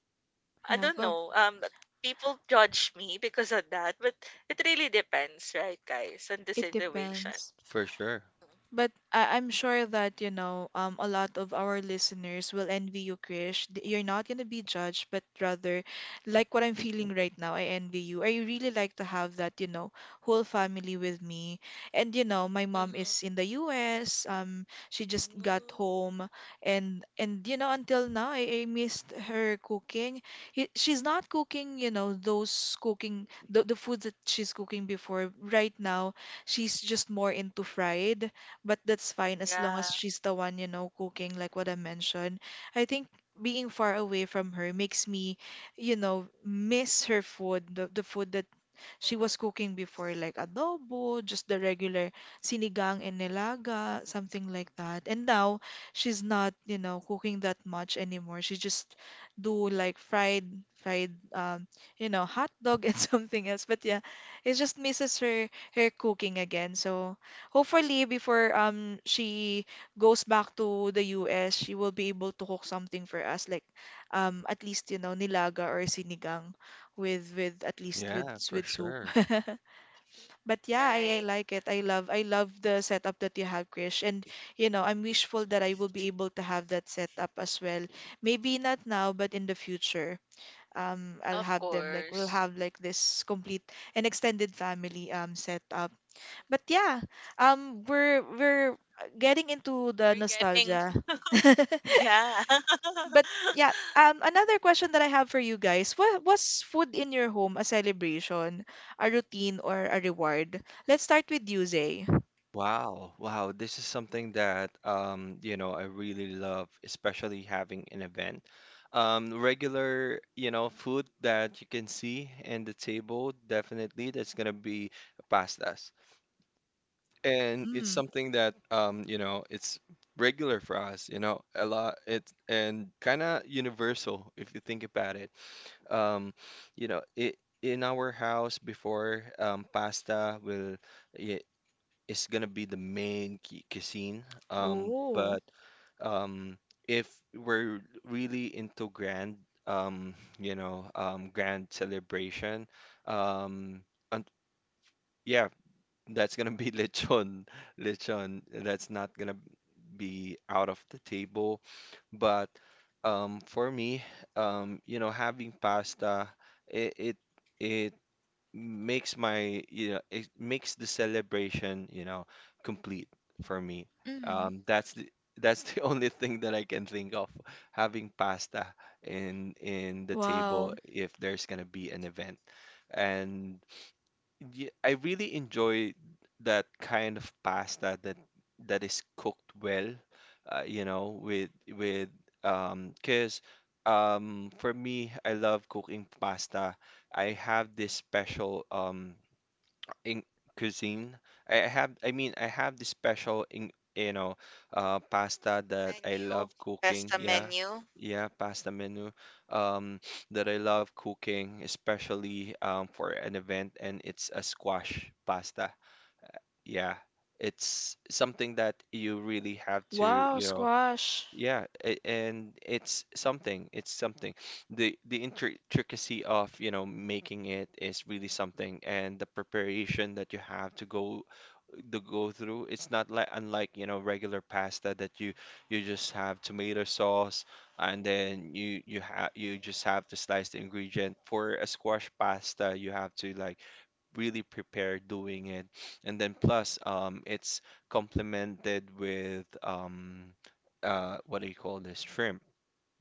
S3: I
S1: Yeah,
S3: don't
S1: well,
S3: know. People judge me because of that, but it really depends, right, guys, on the
S1: it
S3: situation.
S1: depends.
S2: For sure.
S1: But I'm sure that, you know, a lot of our listeners will envy you, Krish. You're not going to be judged, but rather, like what I'm feeling right now, I envy you. I really like to have that, you know, whole family with me. And, you know, my mom
S3: Mm-hmm.
S1: is in the US. She just got
S3: Mm-hmm.
S1: home. And you know, until now, I missed her cooking. She's not cooking, you know, those cooking, the food that she's cooking before. Right now, she's just more into fried, but that's fine as long as
S3: Yeah.
S1: she's the one, you know, cooking, like what I mentioned. I think being far away from her makes me, you know, miss her food, the food that she
S3: Mhm.
S1: was cooking before like adobo, just the regular sinigang and nilaga, something like that. And now she's not, you know, cooking that much anymore. She just do like fried, fried, um, you know, hot dog and something else. But yeah, it just misses her her cooking again. So hopefully before she goes back to the US, she will be able to cook something for us like at least you know nilaga or sinigang with at least with
S2: Yeah, for
S1: soup.
S2: sure.
S1: But yeah, I
S3: Right.
S1: like it. I love the setup that you have, Krish. And you know, I'm wishful that I will be able to have that setup as well. Maybe not now, but in the future. I'll
S3: Of
S1: have them like we'll
S3: course.
S1: have like this complete and extended family setup. But yeah, um, we're getting into the
S3: Forgetting.
S1: nostalgia.
S3: Yeah.
S1: But yeah, another question that I have for you guys. What was food in your home, a celebration, a routine, or a reward? Let's start with you, Zay.
S2: Wow, wow, this is something that you know, I really love, especially having an event. Regular, you know, food that you can see in the table, definitely that's gonna be pastas. And it's
S1: Mm.
S2: something that you know, it's regular for us, you know, a lot it's and kinda universal if you think about it. Um, you know, it in our house before pasta i- is gonna be the main cuisine. Um,
S1: Oh.
S2: but um, if we're really into grand, um, you know, grand celebration, um, and yeah, that's gonna be lechon, lechon. That's not gonna be out of the table. But for me, you know, having pasta, it it it makes my you know it makes the celebration, you know, complete for me.
S1: Mm.
S2: That's the, that's the only thing that I can think of, having pasta in the table
S1: Wow.
S2: if there's gonna be an event. And yeah, I really enjoy that kind of pasta that is cooked well, you know, with 'cause for me, I love cooking pasta. I have this special in cuisine. I have this special in, you know, pasta that I
S3: Menu,
S2: love cooking.
S3: pesta
S2: Yeah,
S3: menu.
S2: yeah,
S3: Mhm.
S2: pasta menu, um, that I love cooking, especially for an event, and it's a squash pasta. Yeah, it's something that you really have to,
S1: Wow,
S2: you know,
S1: squash.
S2: yeah, and it's something. It's something. The intricacy of, you know, making it is really something, and the preparation that you have to go through. It's not unlike, you know, regular pasta that you just have tomato sauce, and then you just have to slice the ingredient. For a squash pasta, you have to like really prepare doing it. And then plus, it's complemented with what do you call this? Shrimp.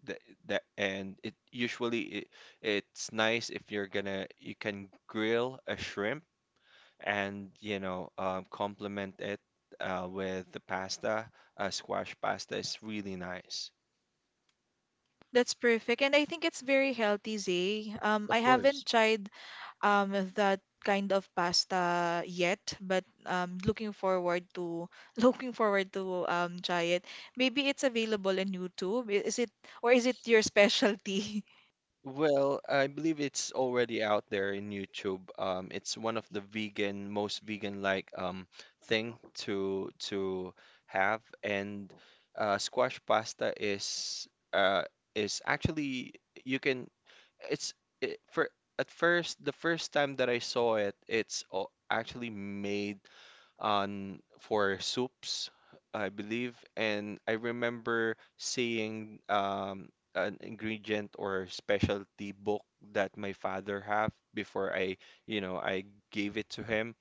S2: That, that and it usually, it's nice if you're gonna, you can grill a shrimp and, you know, complement it with the pasta. Squash pasta is really nice.
S1: That's perfect. And I think it's very healthy, Zay.
S2: Of
S1: I haven't
S2: course.
S1: tried that kind of pasta yet, but looking forward to looking forward to try it. Maybe it's available in YouTube. Is it or is it your specialty?
S2: Well, I believe it's already out there in YouTube. It's one of the vegan, most vegan-like thing to have, and squash pasta uh, is actually, you can. It's for at first the first time that I saw it, it's actually made on for soups, I believe, and I remember seeing an ingredient or specialty book that my father have before you know, I gave it to him.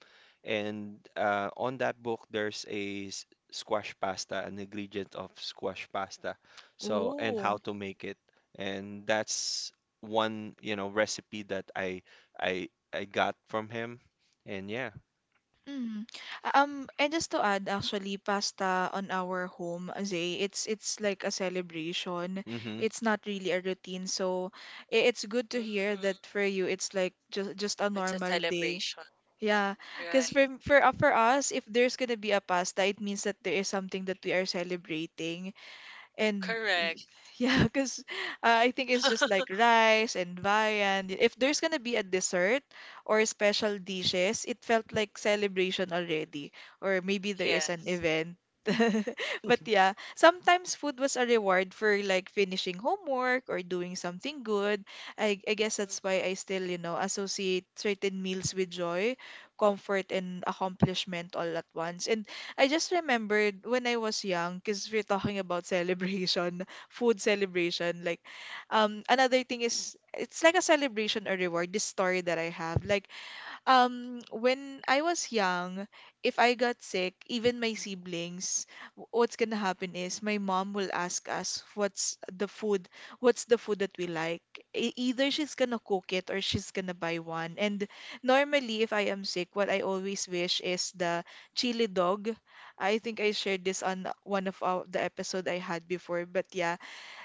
S2: And on that book, there's squash pasta, an ingredient of squash pasta. So, and how
S1: Ooh.
S2: to make it. And that's one, you know, recipe that I got from him. And yeah.
S1: Mm. And just to add, actually, pasta on our home, Zay, it's like a celebration.
S2: Mm-hmm.
S1: It's not really a routine, so it's good to hear that
S3: Hmm.
S1: for you, it's like just a
S3: It's a
S1: normal day.
S3: celebration.
S1: Yeah, because
S3: Right.
S1: for us, if there's gonna be a pasta, it means that there is something that we are celebrating. And y-
S3: Correct.
S1: yeah, because I think it's just like rice and viand. If there's gonna be a dessert or special dishes, it felt like celebration already. Or maybe there is an
S3: Yes.
S1: event. But yeah, sometimes food was a reward for like finishing homework or doing something good. I guess that's why I
S3: Hmm.
S1: still, you know, associate certain meals with joy, comfort, and accomplishment all at once. And I just remembered when I was young, because we're talking about celebration, food celebration. Like, another thing is it's like a celebration or reward. This story that I have, like when I was young, if I got sick, even my siblings, what's gonna happen is my mom will ask us what's the food that we like. Either she's gonna cook it or she's gonna buy one. And normally, if I am sick, what I always wish is the chili dog. I think I shared this on one of our, the episode I had before, but yeah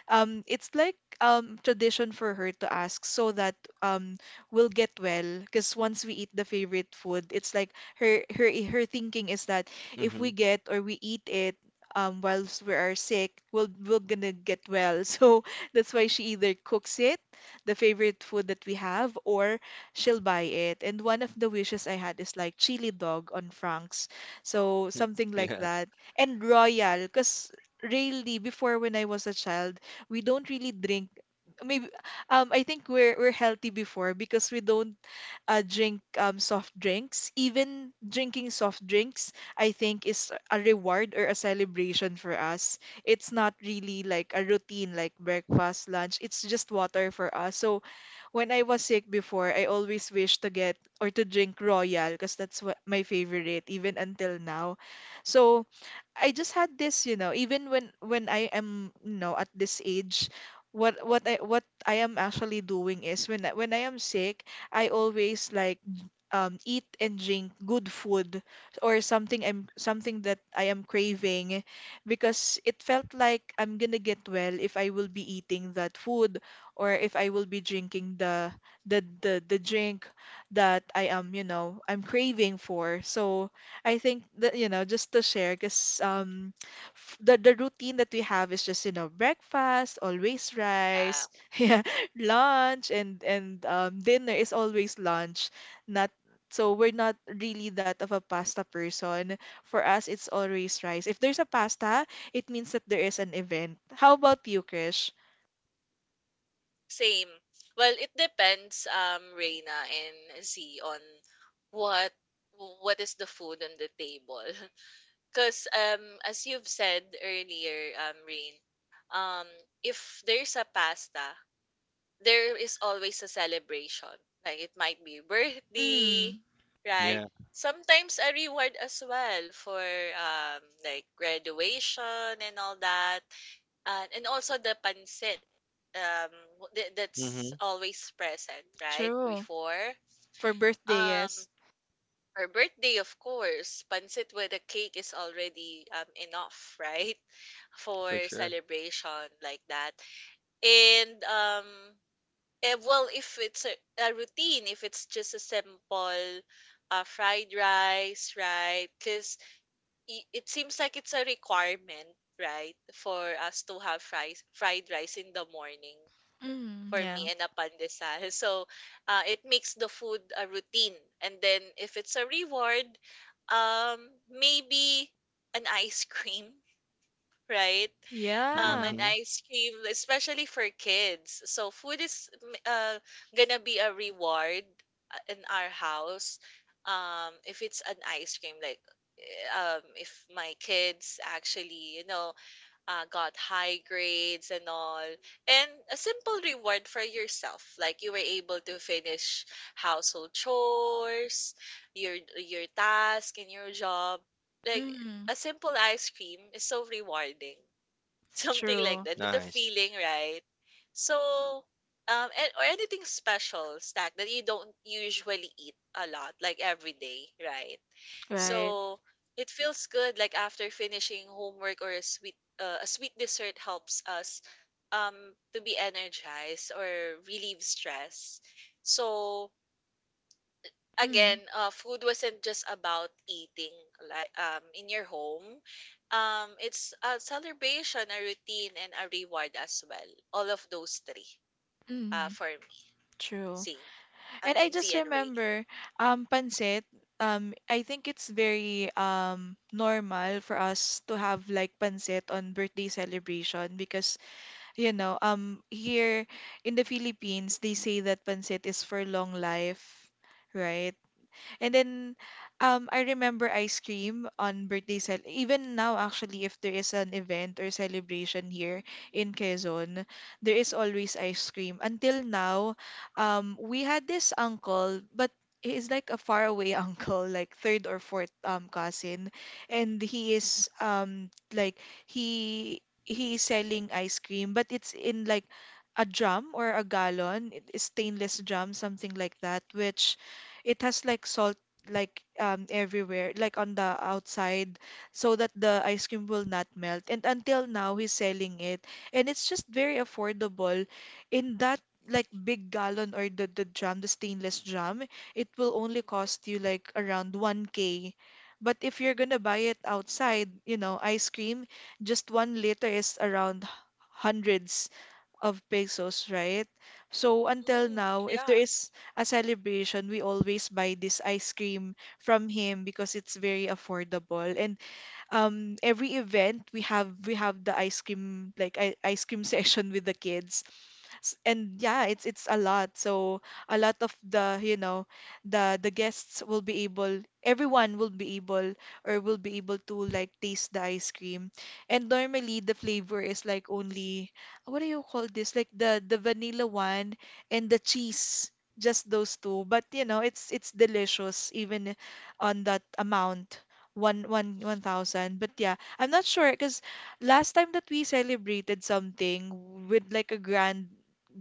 S1: it's like tradition for her to ask so that um, we'll get well. Because once we eat the favorite food, it's like her thinking is that if
S2: Mm-hmm.
S1: we get or we eat it whilst we are sick, we'll we're gonna get well. So that's why she either cooks it, the favorite food that we have, or she'll buy it. And one of the wishes I had is like chili dog on Frank's, so something like
S2: Yeah,
S1: that, and royal, because really before when I was a child we don't really drink. Maybe I think we're healthy before because we don't drink soft drinks. Even drinking soft drinks, I think is a reward or a celebration for us. It's not really like a routine like breakfast, lunch. It's just water for us. So when I was sick before, I always wish to get or to drink Royal because that's what my favorite even until now. So I just had this, you know, even when I am, you know, at this age, what I am actually doing is when I am sick, I always like eat and drink good food or something that I am craving because it felt like I'm gonna get well if I will be eating that food or if I will be drinking the drink that I am, you know, I'm craving for. So I think that you know just to share because the routine that we have is just you know breakfast always
S3: Yeah.
S1: rice yeah,
S3: Mm.
S1: lunch, and dinner is always lunch, not, so we're not really that of a pasta person. For us it's always rice. If there's a pasta, it means that there is an event. How about you, Krish?
S3: Same. Well, it depends, Reina and Z on what what is the food on the table. Because as you've said earlier, Rain, um, if there's a pasta, there is always a celebration. Like it might be birthday,
S1: Mm,
S3: right?
S2: yeah.
S3: Sometimes a reward as well for like graduation and all that, and also the pansit um that's
S2: Mm-hmm.
S3: always present, right?
S1: true.
S3: Before
S1: For birthday,
S3: um
S1: yes.
S3: her birthday, of course, pansit with a cake is already enough, right?
S2: For
S3: For
S2: sure.
S3: celebration like that, and um, eh, well, if it's a routine, if it's just a simple fried rice, right? Because it seems like it's a requirement, right, for us to have fries, fried rice in the morning
S1: Mm,
S3: for
S1: yeah.
S3: me and a pandesal. So it makes the food a routine. And then if it's a reward, um, maybe an ice cream, right?
S1: Yeah.
S3: And
S2: Mm-hmm.
S3: ice cream, especially for kids. So food is uh, gonna be a reward in our house. If it's an ice cream, like if my kids actually, you know, got high grades and all, and a simple reward for yourself. Like you were able to finish household chores, your task in your job. Like
S1: Mm,
S3: a simple ice cream is so rewarding. Something like
S1: true.
S3: that. The
S2: Nice.
S3: feeling, right? So, and, or anything special snack that you don't usually eat a lot, like every day, right?
S1: Right.
S3: So it feels good like after finishing homework or a sweet dessert helps us um to be energized or relieve stress. So again,
S1: Mm.
S3: food wasn't just about eating like in your home. Um, it's a celebration, a routine and a reward as well. All of those three
S1: Mm,
S3: for me.
S1: true.
S3: Zane. I
S1: And I
S3: mean Z
S1: just
S3: and Reina.
S1: remember pancit. I think it's very normal for us to have like pancit on birthday celebration, because you know here in the Philippines they say that pancit is for long life, right? And then I remember ice cream on birthday cel even now, actually, if there is an event or celebration here in Quezon, there is always ice cream. Until now, we had this uncle, but he's like a faraway uncle, like third or fourth cousin, and he is, like, he is selling ice cream, but it's in like a drum or a gallon, it's stainless drum, something like that, which it has like salt like, everywhere, like on the outside, so that the ice cream will not melt. And until now, he's selling it, and it's just very affordable. In that like big gallon or the drum, the stainless drum, it will only cost
S3: Mm-hmm.
S1: you like around 1K. But if you're gonna buy it outside, ice cream, just 1 liter is around hundreds of pesos, right? So until
S3: Mm,
S1: now, if
S3: yeah.
S1: there is a celebration, we always buy this ice cream from him because it's very affordable. And every event, we have the ice cream, like ice cream session with the kids. And yeah, it's a lot, so a lot of the, the guests will be able, everyone will be able, or will be able to like taste the ice cream. And normally the flavor is like only, what do you call this, like the vanilla one and the cheese, just those two. But it's delicious, even on that amount, one thousand. But yeah, I'm not sure, because last time that we celebrated something with like a grand,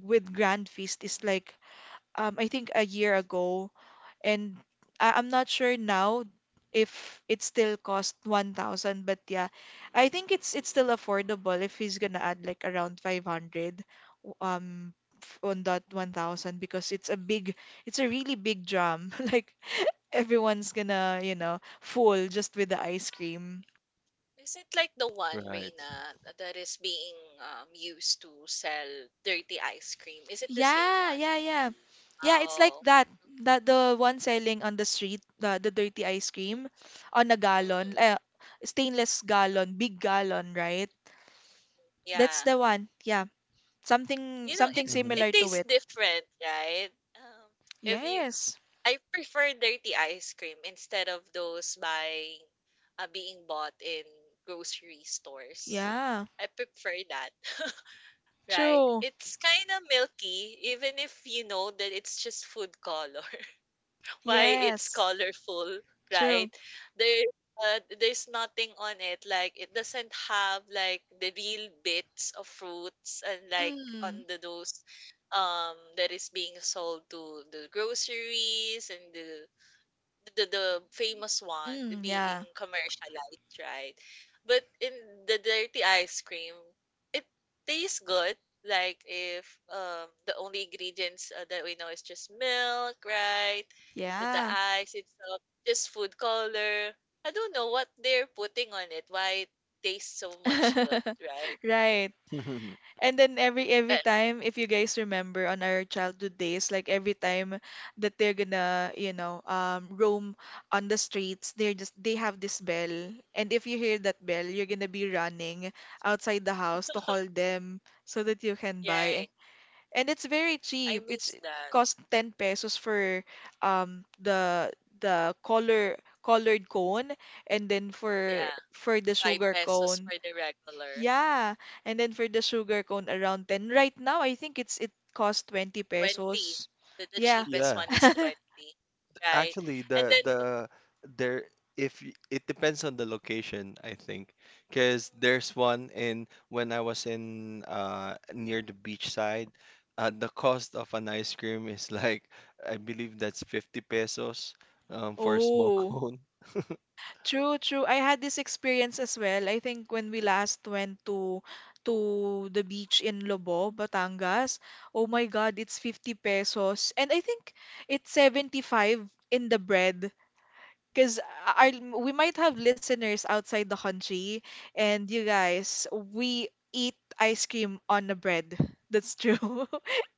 S1: with grand feast, is like, I think, a year ago, and I'm not sure now if it still cost 1,000. But yeah, I think it's still affordable if he's gonna add like around 500 um on that 1,000, because it's a really big drum, like everyone's gonna, fool just with the ice cream.
S3: Is it like the one,
S2: Right.
S3: Reina, that is being used to sell dirty ice cream? Is it the same
S1: Yeah,
S3: one?
S1: yeah, yeah. Yeah, it's like
S3: Oh.
S1: that. That, the one selling on the street, the dirty ice
S3: Mm-hmm.
S1: cream on a gallon,
S3: Hmm.
S1: stainless gallon, big gallon, right? That's
S3: Yeah.
S1: the one. Yeah. Something
S3: You know,
S1: something
S2: Mm-hmm.
S3: it
S1: similar to
S3: tastes
S1: it.
S3: different, right? Um, if you
S1: Yes.
S3: I prefer dirty ice cream instead of those by being bought in grocery stores.
S1: Yeah.
S3: I prefer that. Right.
S1: True.
S3: It's kind of milky, even if you know that it's just food color. Why it's
S1: Yes.
S3: colorful, right?
S1: True.
S3: There, there's nothing on it. Like it doesn't have like the real bits of fruits and like on
S1: Mm.
S3: the those that is being sold to the groceries and the famous one
S1: Mm,
S3: being
S1: yeah.
S3: commercialized, right? But in the dirty ice cream, it tastes good. Like if the only ingredients that we know is just milk, right? The
S1: Yeah.
S3: ice itself, just food color. I don't know what they're putting on it. Why it tastes so much good, right?
S1: Right. And then, every
S3: But
S1: time, if you guys remember on our childhood days, like every time that they're gonna, roam on the streets, they have this bell, and if you hear that bell, you're gonna be running outside the house to call them so that you can buy.
S3: yeah,
S1: And it's very
S3: I
S1: cheap. It's
S3: miss that.
S1: cost 10 pesos for um the the colored cone, and then for
S3: Yeah,
S1: for the
S3: five
S1: sugar
S3: pesos for
S1: cone,
S3: the regular.
S1: yeah, and then for the sugar cone around 10. Right now, I think it costs 20
S3: 20.
S1: pesos.
S3: The
S1: Yeah.
S3: cheapest
S2: Yeah.
S3: one is 20, right?
S2: Actually,
S3: And then
S2: the there if it depends on the location, I think, because
S3: mm,
S2: there's one in, when I was in near the beach side, the cost of an ice cream is like, I believe that's 50 pesos for a small
S1: Oh,
S2: cone.
S1: true, true. I had this experience as well. I think when we last went to the beach in Lobo, Batangas. Oh my God, it's 50 pesos. And I think it's 75 in the bread. Because our, we might have listeners outside the country, and you guys, we eat ice cream on the bread. That's true.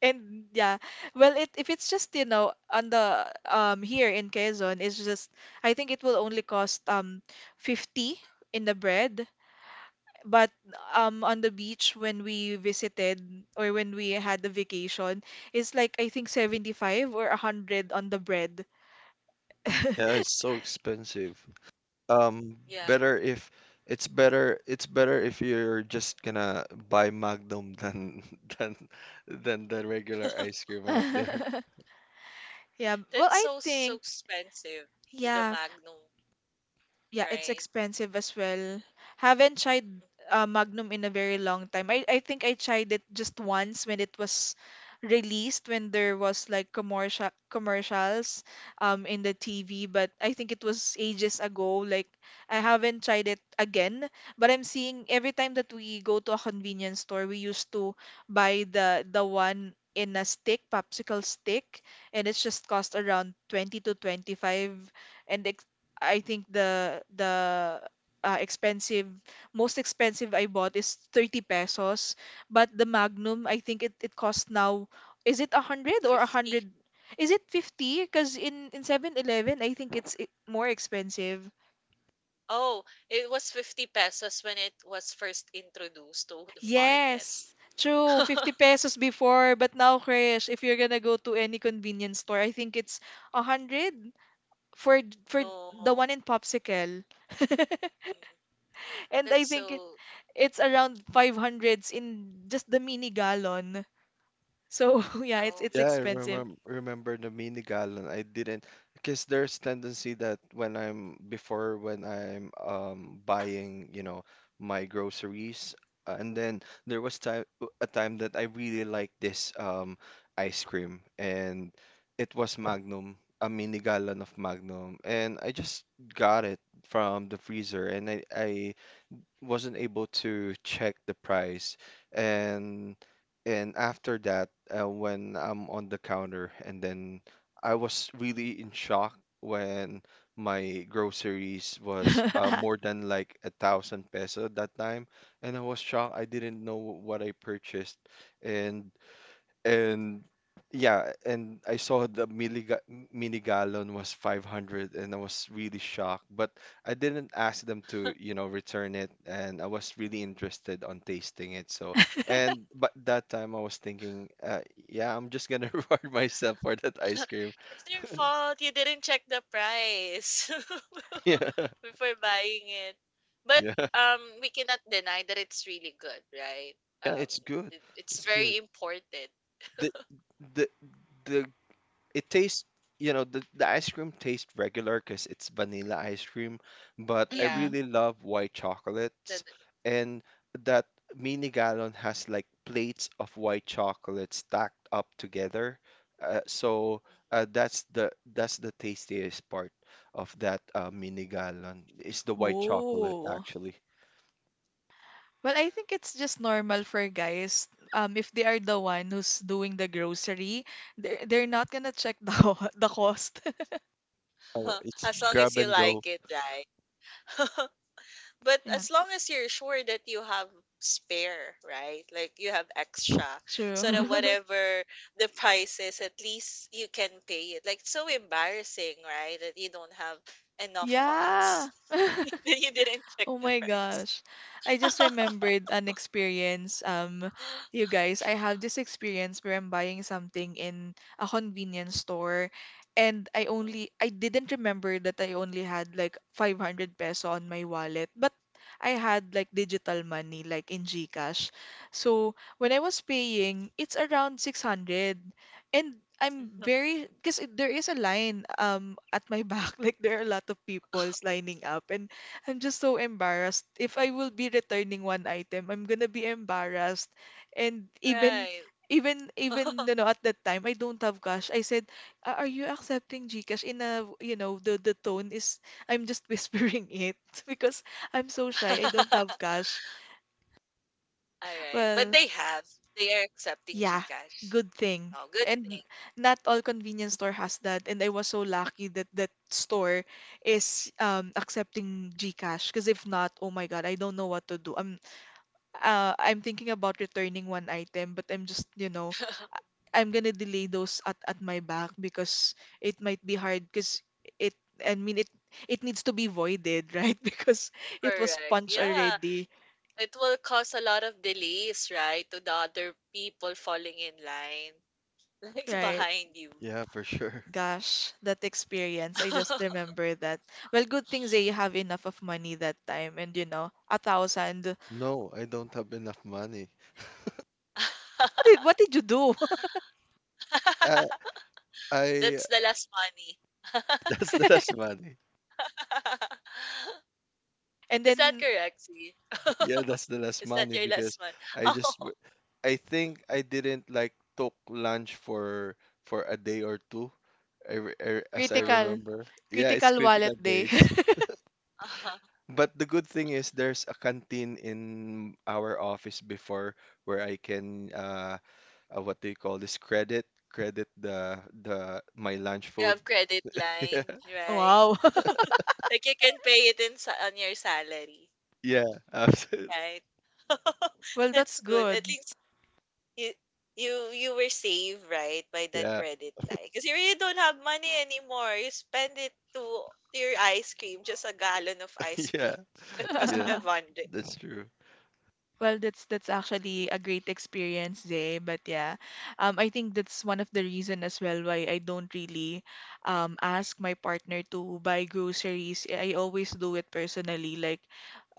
S1: And yeah, well, it if it's just, on the, here in Quezon, it's just, I think it will only cost 50 in the bread. But on the beach, when we visited, or when we had the vacation, it's like, I think, 75 or 100 on the bread.
S2: Yeah, it's so expensive. Um,
S3: yeah,
S2: better if It's better, it's better if you're just gonna buy Magnum than than than the regular ice cream out there.
S1: Yeah, well,
S3: that's
S1: I
S3: so so
S1: think.
S3: expensive. The
S1: Yeah,
S3: Magnum,
S1: yeah, it's
S3: right?
S1: expensive as well. Haven't tried, Magnum in a very long time. I think I tried it just once when it was released, when there was like commercials in the TV, but I think it was ages ago. Like, I haven't tried it again, but I'm seeing every time that we go to a convenience store, we used to buy the one in a stick, popsicle stick, and it's just cost around 20 to 25. And it, I think, the expensive most expensive I bought is 30 pesos. But the Magnum, I think it costs now, is it 100 or
S3: 50.
S1: 100, is it 50, because in 7-Eleven, I think more expensive.
S3: Oh, it was 50 pesos when it was first introduced to the market.
S1: Yes, true, 50 pesos before, but now, Krish, if you're gonna go to any convenience store, I think it's 100 for for the
S3: No.
S1: one in Popsicle.
S3: Mm,
S1: And I
S3: that's
S1: think it
S3: so
S1: it's around 500s in just the mini gallon. So yeah, it's
S3: oh.
S1: it's
S2: Yeah, I
S1: expensive.
S2: remember the mini gallon. I didn't, because there's tendency that when I'm before when I'm buying, you know, my groceries, and then there was time a time that I really liked this ice cream, and it was Magnum, a mini gallon of Magnum, and I just got it from the freezer, and I wasn't able to check the price, and after that when I'm on the counter, and then I was really in shock when my groceries was more than like a thousand peso that time, and I was shocked, I didn't know what I purchased. And and yeah, and I saw the mini gallon was 500, and I was really shocked, but I didn't ask them to, you know, return it, and I was really interested on tasting it. So, and but that time I was thinking, yeah, I'm just gonna reward myself for that ice cream.
S3: It's your fault. You didn't check the price
S2: Yeah.
S3: before buying it. But
S2: Yeah.
S3: we cannot deny that it's really good, right?
S2: Yeah,
S3: Um,
S2: it's good.
S3: it's
S2: It's good.
S3: very important.
S2: The the the It tastes, you know, the ice cream tastes regular because it's vanilla ice cream, but I
S3: Yeah.
S1: Mm.
S2: really love white chocolates,
S3: That,
S2: and that mini gallon has like plates of white chocolate stacked up together, so that's the, that's the tastiest part of that mini gallon is the white chocolate,
S1: Oh.
S2: actually.
S3: mhm.
S1: Well, I think it's just normal for guys. If they are the one who's doing the grocery, they're not gonna check the the cost.
S2: Oh,
S3: Um,
S2: it's
S3: as long as
S2: grab
S3: you
S2: and go.
S3: like it, right? But
S1: Yeah,
S3: as long as you're sure that you have spare, right? Like you have extra,
S1: true.
S3: so that whatever the price is, at least you can pay it. Like it's so embarrassing, right? That you don't have enough funds.
S1: Yeah.
S3: You didn't check
S1: Oh
S3: the
S1: my
S3: price.
S1: gosh. I just remembered an experience. You guys, I have this experience where I'm buying something in a convenience store, and I didn't remember that I only had like 500 peso on my wallet, but I had like digital money, like in GCash. So when I was paying, it's around 600, and I'm very, because there is a line at my back, like there are a lot of people's lining up, and I'm just so embarrassed. If I will be returning one item, I'm gonna be embarrassed. And even,
S3: Right.
S1: at that time, I don't have cash. I said, Are you accepting GCash?" In a, the tone is, I'm just whispering it, because I'm so shy. I don't have cash.
S3: All right. But
S1: Well,
S3: they have. They are accepting
S1: yeah,
S3: GCash.
S1: good thing.
S3: Oh, good
S1: And
S3: thing.
S1: not all convenience store has that. And I was so lucky that that store is accepting GCash, because if not, oh my God, I don't know what to do. I'm, I'm thinking about returning one item, but I'm just, I'm gonna delay those at my back, because it might be hard, because it, I mean, it needs to be voided, right? Because it was
S3: Correct.
S1: punched
S3: Yeah.
S1: already,
S3: It will cause a lot of delays, right, to the other people falling in line, like
S1: right?
S3: behind you.
S2: Yeah, for sure.
S1: Gosh, that experience. I just remember that. Well, good thing, Zay, you have enough of money that time, and, 1,000. What
S2: No, I don't have enough money.
S1: did what did you do?
S2: Uh, I
S3: That's the last money.
S2: That's the less money.
S1: And
S3: Is that
S1: then,
S3: correct, Z?
S2: Yeah, that's the last
S3: Is that
S2: money,
S3: your last
S2: because
S3: one?
S2: I just
S3: Oh,
S2: I think I didn't like took lunch for a day or two. As I
S1: critical.
S2: remember. Yeah, it's
S1: Critical wallet
S2: critical
S1: day.
S2: days.
S3: oh, oh.
S2: But the good thing is there's a canteen in our office before, where I can what do you call this, credit, the my lunch
S3: You
S2: food.
S3: have credit
S2: Yeah.
S3: line, right?
S1: Wow.
S3: Like you can pay it in on your salary,
S2: Yeah, absolutely.
S3: right?
S1: Well,
S3: That's
S1: that's
S3: good. At
S1: good.
S3: least you you you were saved right by that
S2: Yeah.
S3: credit line because you really don't have money anymore you spend it to your ice cream just a gallon of ice cream
S2: Yeah.
S3: that cost
S2: Yeah,
S3: 500.
S2: that's true.
S1: Well, that's actually a great experience, Jay. But yeah, I think that's one of the reason as well why I don't really, ask my partner to buy groceries. I always do it personally, like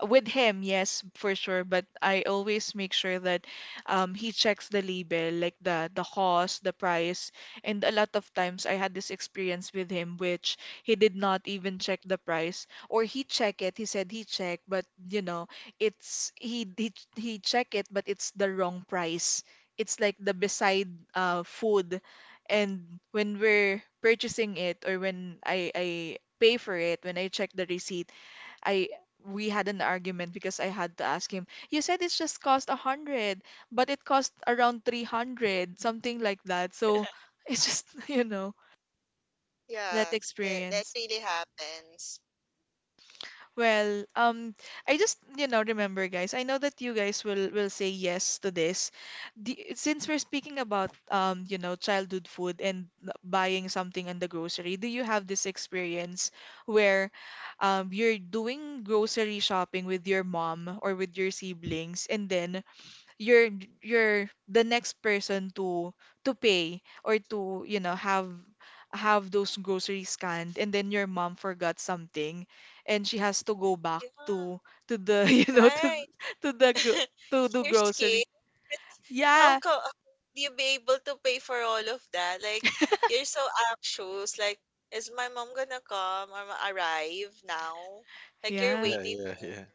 S1: with him, yes, for sure. But I always make sure that, he checks the label, like the cost, the price, and a lot of times I had this experience with him, which he did not even check the price, or he checked it. He said he checked, but it's, he check it, but it's the wrong price. It's like the beside, food, and when we're purchasing it, or when I pay for it, when I check the receipt, I we had an argument, because I had to ask him, you said it's just cost 100, but it cost around 300, something like that. So it's just, that
S3: Yeah, that that
S1: experience.
S3: really happens.
S1: Well, I just, remember, guys. I know that you guys will say yes to this. Since we're speaking about, childhood food, and buying something in the grocery, do you have this experience where, you're doing grocery shopping with your mom or with your siblings, and then you're you're the next person to pay, or to, have those groceries scanned, and then your mom forgot something, and she has to go back to
S3: Yeah,
S1: to the
S3: right.
S1: to the gro- to the
S3: You're
S1: grocery,
S3: scared. It's- how
S1: yeah,
S3: come you be able to pay for all of that like you're so anxious like is my mom gonna come or ma- arrive now like you're
S1: yeah.
S2: Yeah,
S3: waiting
S2: yeah,
S3: for.
S2: yeah.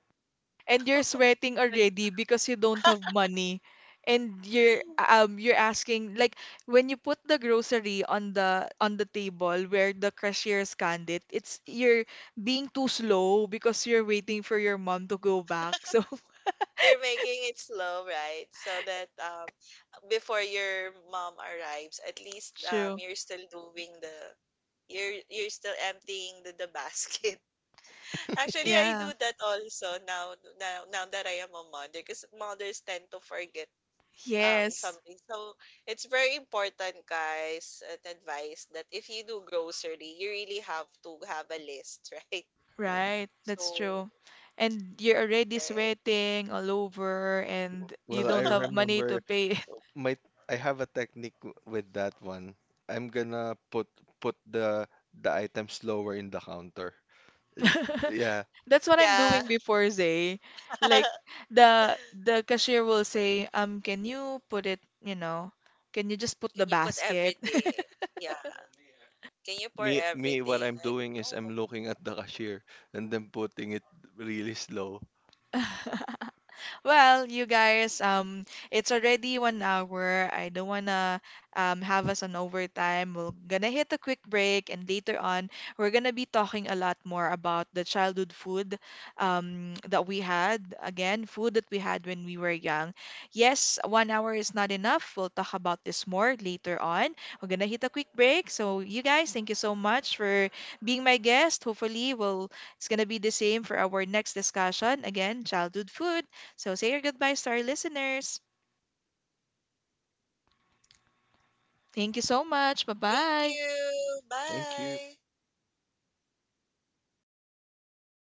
S1: And you're sweating already because you don't have money, and you're, you're asking, like, when you put the grocery on the table where the cashier scanned it, it's you're being too slow because you're waiting for your mom to go back, so
S3: You're making it slow, right? So that before your mom arrives, at least
S1: true,
S3: you're still doing the you're still emptying the basket. Actually, I
S1: yeah,
S3: do that also now now that I am a mother because mothers tend to forget
S1: yes,
S3: something. So it's very important, guys, an advice that if you do grocery, you really have to have a list, right?
S1: right. That's
S3: So
S1: true. And you're already
S3: right.
S1: sweating all over, and you
S2: Well, I
S1: don't have money to
S2: remember
S1: pay
S2: my I have a technique with that one. I'm gonna put the items lower in the counter.
S1: it.
S2: It, yeah,
S1: That's what I'm
S3: Yeah.
S1: doing before, Zay. Like the cashier will say, can you put it, can you just put the
S3: Can you put
S1: basket?
S3: everything? Yeah. Can you pour
S2: me what
S3: everything?
S2: I'm
S3: Like,
S2: doing is
S3: no.
S2: I'm looking at the cashier and then putting it really slow.
S1: Well, you guys, it's already 1 hour. I don't wanna have us on overtime. We're gonna hit a quick break, and later on, we're gonna be talking a lot more about the childhood food that we had. Again, food that we had when we were young. Yes, 1 hour is not enough. We'll talk about this more later on. We're gonna hit a quick break. So, you guys, thank you so much for being my guest. Hopefully, we'll it's gonna be the same for our next discussion. Again, childhood food. So say your goodbyes to our listeners. Thank you so much. Bye
S3: Thank
S1: bye.
S3: you.
S2: Thank you.
S3: Bye.